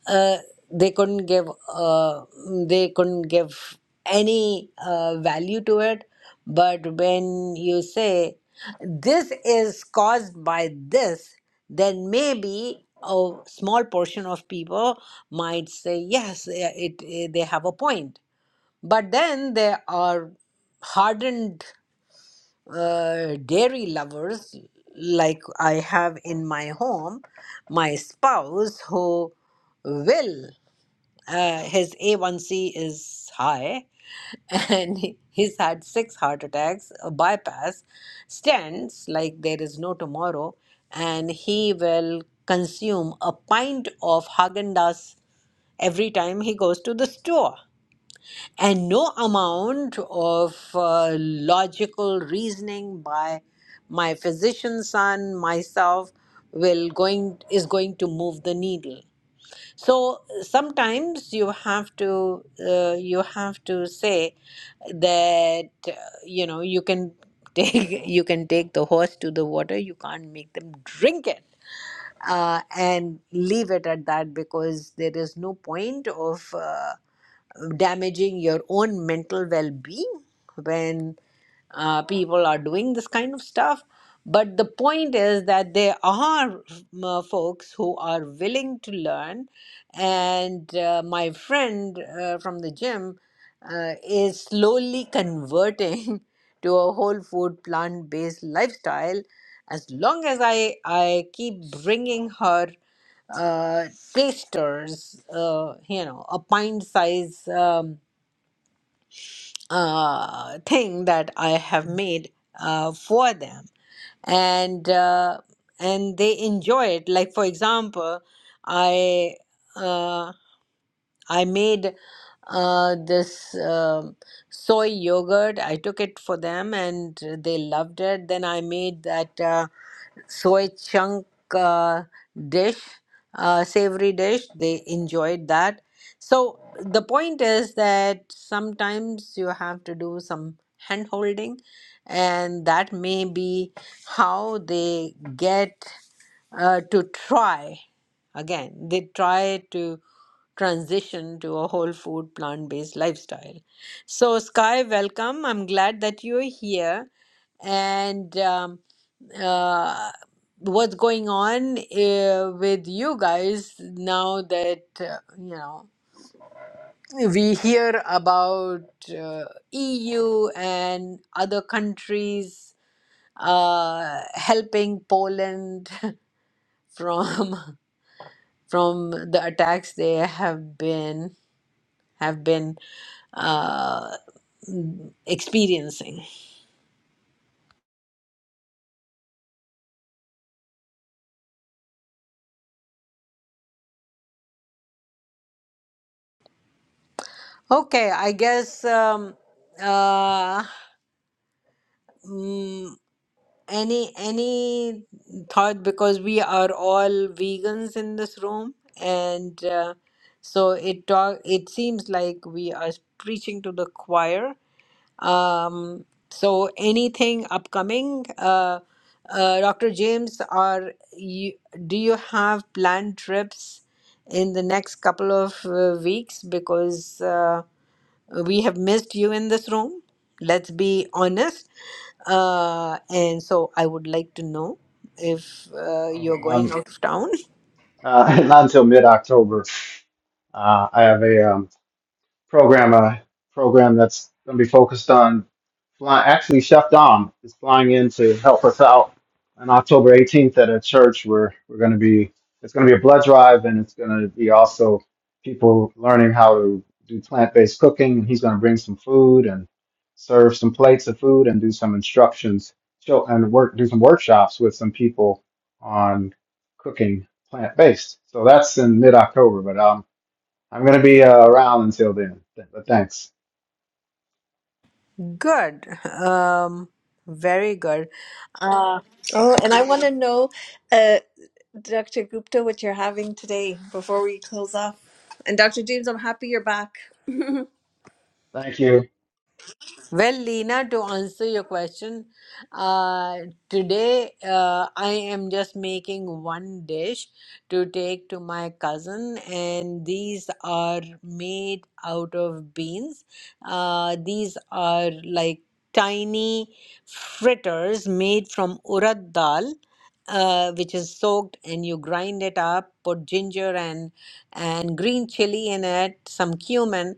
uh, they couldn't give uh, they couldn't give any uh, value to it but when you say this is caused by this then maybe a small portion of people might say yes eh, it, eh, they have a point but then there are hardened uh, dairy lovers like i have in my home my spouse who will uh, his A1C is high, (laughs) and he- he's had six heart attacks, a bypass, stands like there is no tomorrow, and he will consume a pint of Haagen-Dazs every time he goes to the store. And no amount of uh, logical reasoning by my physician son, myself, will going is going to move the needle so sometimes you have to uh, you have to say that uh, you know you can take (laughs) you can take the horse to the water you can't make them drink it uh, and leave it at that because there is no point of uh, damaging your own mental well-being when uh, people are doing this kind of stuff. But the point is that there are uh, folks who are willing to learn, and uh, my friend uh, from the gym uh, is slowly converting (laughs) to a whole food plant based lifestyle as long as I I keep bringing her uh, tasters, uh, you know, a pint size um, uh, thing that I have made uh, for them, and uh, and they enjoy it. Like for example, I uh, I made uh, this um soy yogurt. I took it for them, and they loved it. Then I made that. Uh, soy chunk uh, dish, uh, savory dish. They enjoyed that. So the point is that sometimes you have to do some hand holding, and that may be how they get uh, to try. Again, they try to transition to a whole food plant based lifestyle. So, Sky, welcome. I'm glad that you're here. And um, uh, what's going on uh, with you guys now that uh, you know we hear about uh, EU and other countries uh, helping Poland (laughs) from from the attacks they have been have been uh, experiencing. Okay, I guess um, uh, mm, Any any thought because we are all vegans in this room, and uh, so it talk, it seems like we are preaching to the choir. Um, so anything upcoming, uh, uh, Dr. James, are you, do you have planned trips in the next couple of uh, weeks? Because uh, we have missed you in this room. Let's be honest. Uh, and so I would like to know if uh, Oh, you're going Um, out of town. uh, (laughs) not until mid October, uh, I have a um, program a program that's going to be focused on fly, actually chef dom is flying in to help us out on october 18th at a church where we're going to be it's going to be a blood drive and it's going to be also people learning how to do plant-based cooking he's going to bring some food and serve some plates of food and do some instructions show and work do some workshops with some people on cooking plant-based so that's in mid-october but um I'm gonna be uh, around until then. But thanks. Good. Um, very good. Oh, and I want to (clears throat) know, uh, Dr. Gupta, what you're having today before we close off. And Dr. James, I'm happy you're back. (laughs) I'm Thank you. Well, Lena, to answer your question, uh, today uh, I am just making one dish to take to my cousin, and these are made out of beans. Uh, these are like tiny fritters made from urad dal. Uh, which is soaked and you grind it up put ginger and and green chili in it some cumin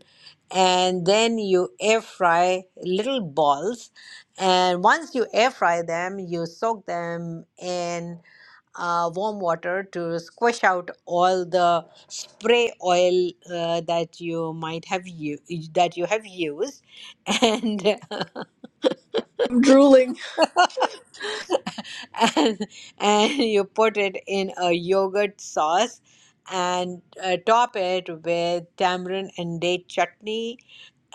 and then you air fry little balls. And once you air fry them, you soak them in uh, warm water to squish out all the spray oil uh, that you might have u- that you have used, (laughs) and drooling. (laughs) and and you put it in a yogurt sauce and uh, top it with tamarind and date chutney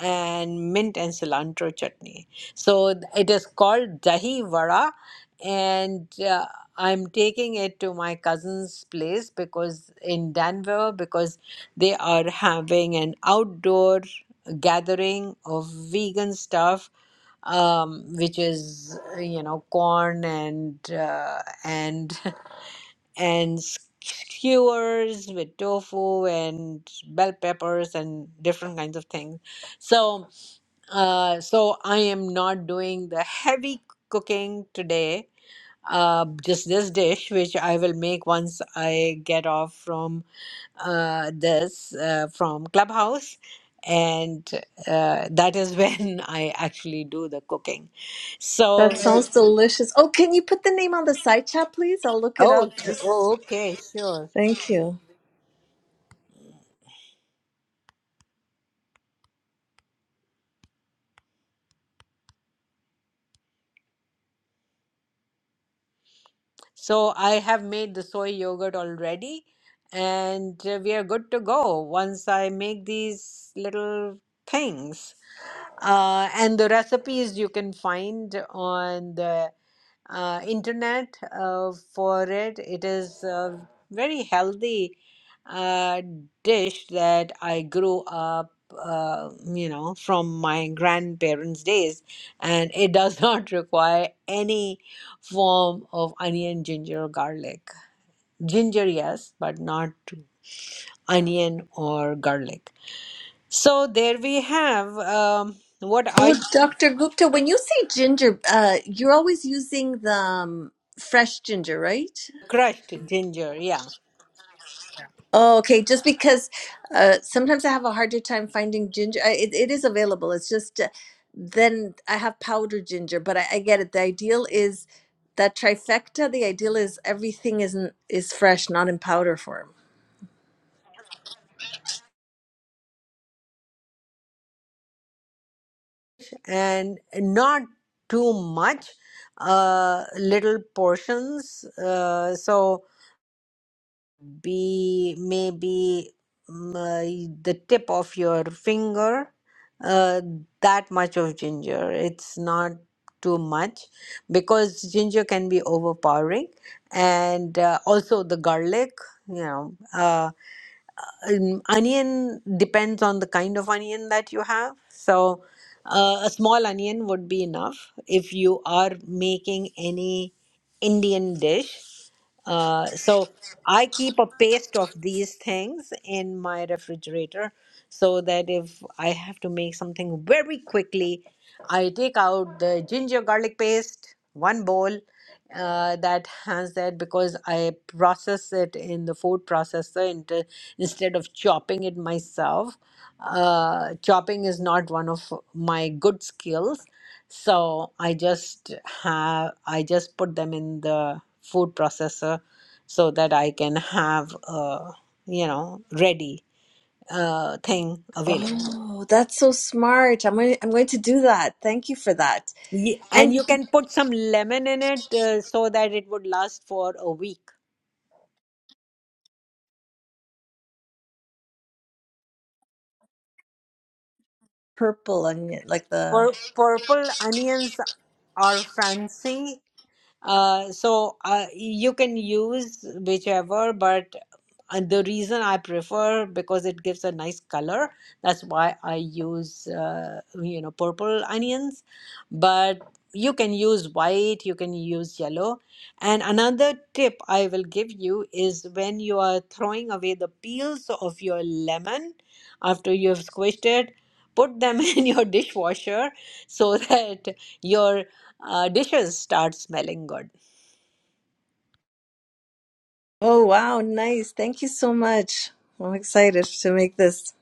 and mint and cilantro chutney. So it is called dahi vada, and uh, I'm taking it to my cousin's place because in Denver because they are having an outdoor gathering of vegan stuff, um, which is uh, you know corn and uh, and (laughs) and skewers with tofu and bell peppers and different kinds of things. So uh, so I am not doing the heavy cooking today. Uh, just this dish, which I will make once I get off from uh, this uh, from Clubhouse, and uh, that is when (laughs) I actually do the cooking. So, That sounds delicious. Oh, can you put the name on the side chat, please? I'll look it oh, up. oh, Just okay, sure. thank you. So I have made the soy yogurt already, and uh, we are good to go once I make these little things. Uh, and the recipes you can find on the uh, internet uh, for it. It is a very healthy uh, dish that I grew up, uh, you know, from my grandparents' days, and it does (laughs) not require any form of onion, ginger, or garlic. Ginger, yes, but not onion or garlic. So there we have. Um, what are Well, Dr. Gupta, when you say ginger, uh, you're always using the um, fresh ginger, right? crushed ginger, yeah, Oh, okay. Just because uh, sometimes I have a harder time finding ginger. I, it, it is available. It's just uh, then I have powdered ginger, but I, I get it. The ideal is that trifecta. The ideal is everything isn't is fresh, not in powder form. and not too much, uh, little portions. Uh, so be maybe mm, uh, the tip of your finger, uh, that much of ginger. It's not too much because ginger can be overpowering, and uh, also the garlic. You know, uh, um, onion depends on the kind of onion that you have. So, uh, a small onion would be enough. If you are making any Indian dish, uh, so I keep a paste of these things in my refrigerator so that if I have to make something very quickly, I take out the ginger garlic paste, one bowl uh, that has that because I process it in the food processor int- instead of chopping it myself. Uh, chopping is not one of my good skills so i just have i just put them in the food processor so that i can have a you know ready uh, thing available Oh, that's so smart. I'm going, I'm going to do that. Thank you for that. Ye- and And you can put some lemon in it uh, so that it would last for a week purple onion, like the Pur- purple onions are fancy Uh, so uh, you can use whichever, but uh, the reason I prefer because it gives a nice color. That's why I use uh, you know purple onions, but you can use white, you can use yellow. And another tip I will give you is when you are throwing away the peels of your lemon after you have squished it, put them (laughs) in your dishwasher so that your uh, dishes start smelling good Oh, wow. Nice. Thank you so much. I'm excited to make this.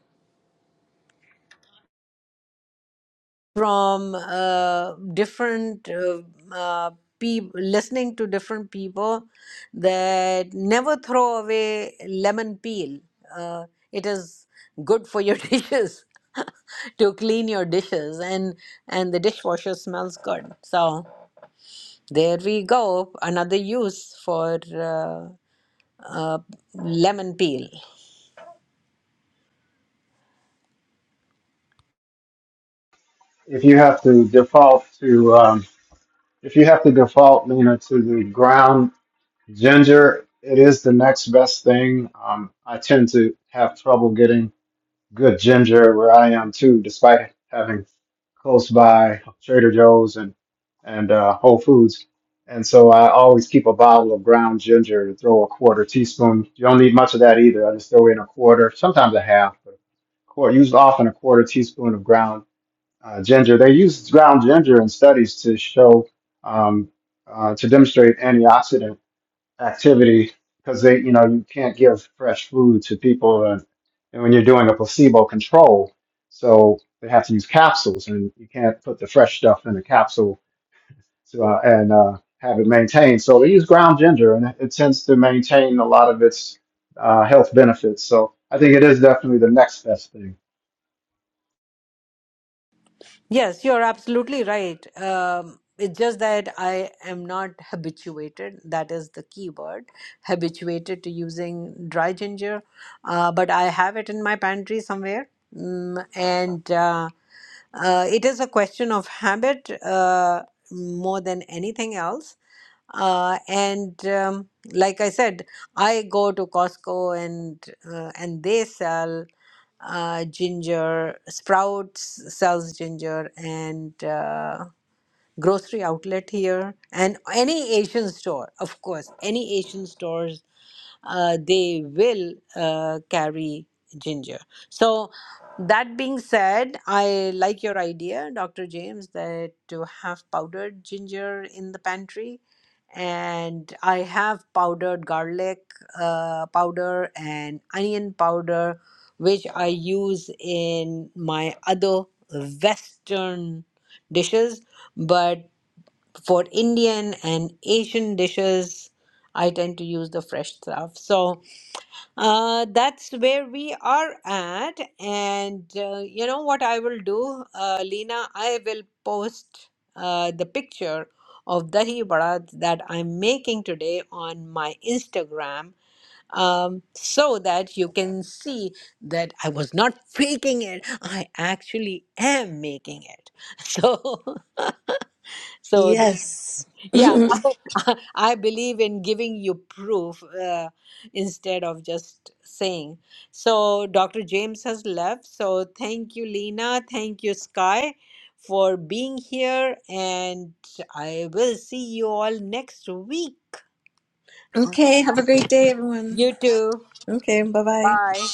from uh, different uh, uh, peop listening to different people that never throw away lemon peel. Uh, it is good for your (laughs) dishes to clean your dishes, and and the dishwasher smells good. So there we go, another use for uh, uh, lemon peel. If you have to default to, um, if you have to default, Lena, to the ground ginger, it is the next best thing. Um, I tend to have trouble getting good ginger where I am too, despite having close by Trader Joe's and and uh, Whole Foods. And so I always keep a bottle of ground ginger to throw a quarter teaspoon. You don't need much of that either. I just throw in a quarter, sometimes a half, but a quarter, used often a quarter teaspoon of ground uh, ginger. They use ground ginger in studies to show um, uh, to demonstrate antioxidant activity because they, you know, you can't give fresh food to people, and, and when you're doing a placebo control, so they have to use capsules, and you can't put the fresh stuff in a capsule to, uh, and uh, have it maintained. So they use ground ginger, and it, it tends to maintain a lot of its uh, health benefits. So I think it is definitely the next best thing. Yes, you're absolutely right. Um, it's just that I am not habituated. That is the key word, habituated to using dry ginger. Uh, but I have it in my pantry somewhere. Mm, and uh, uh, it is a question of habit uh, more than anything else. Uh, and um, like I said, I go to Costco and uh, and they sell uh, ginger. Sprouts sells ginger and uh, grocery outlet here and any Asian store, of course, any Asian stores uh, they will uh, carry ginger. So, that being said, I like your idea, Dr. James, that to have powdered ginger in the pantry. And I have powdered garlic uh, powder and onion powder, which I use in my other Western dishes. But for Indian and Asian dishes, I tend to use the fresh stuff. So, uh, that's where we are at. And uh, you know what I will do, uh, Lena? I will post uh, the picture of dahi vada that I'm making today on my Instagram um, so that you can see that I was not faking it. I actually am making it. (laughs) So, (laughs) so Yes. (laughs) yeah, (laughs) I believe in giving you proof uh, instead of just saying. So, Dr. James has left. So, thank you, Lena. Thank you, Sky, for being here. And I will see you all next week. okay. Have a great day, everyone. You too. Okay. Bye bye. Bye.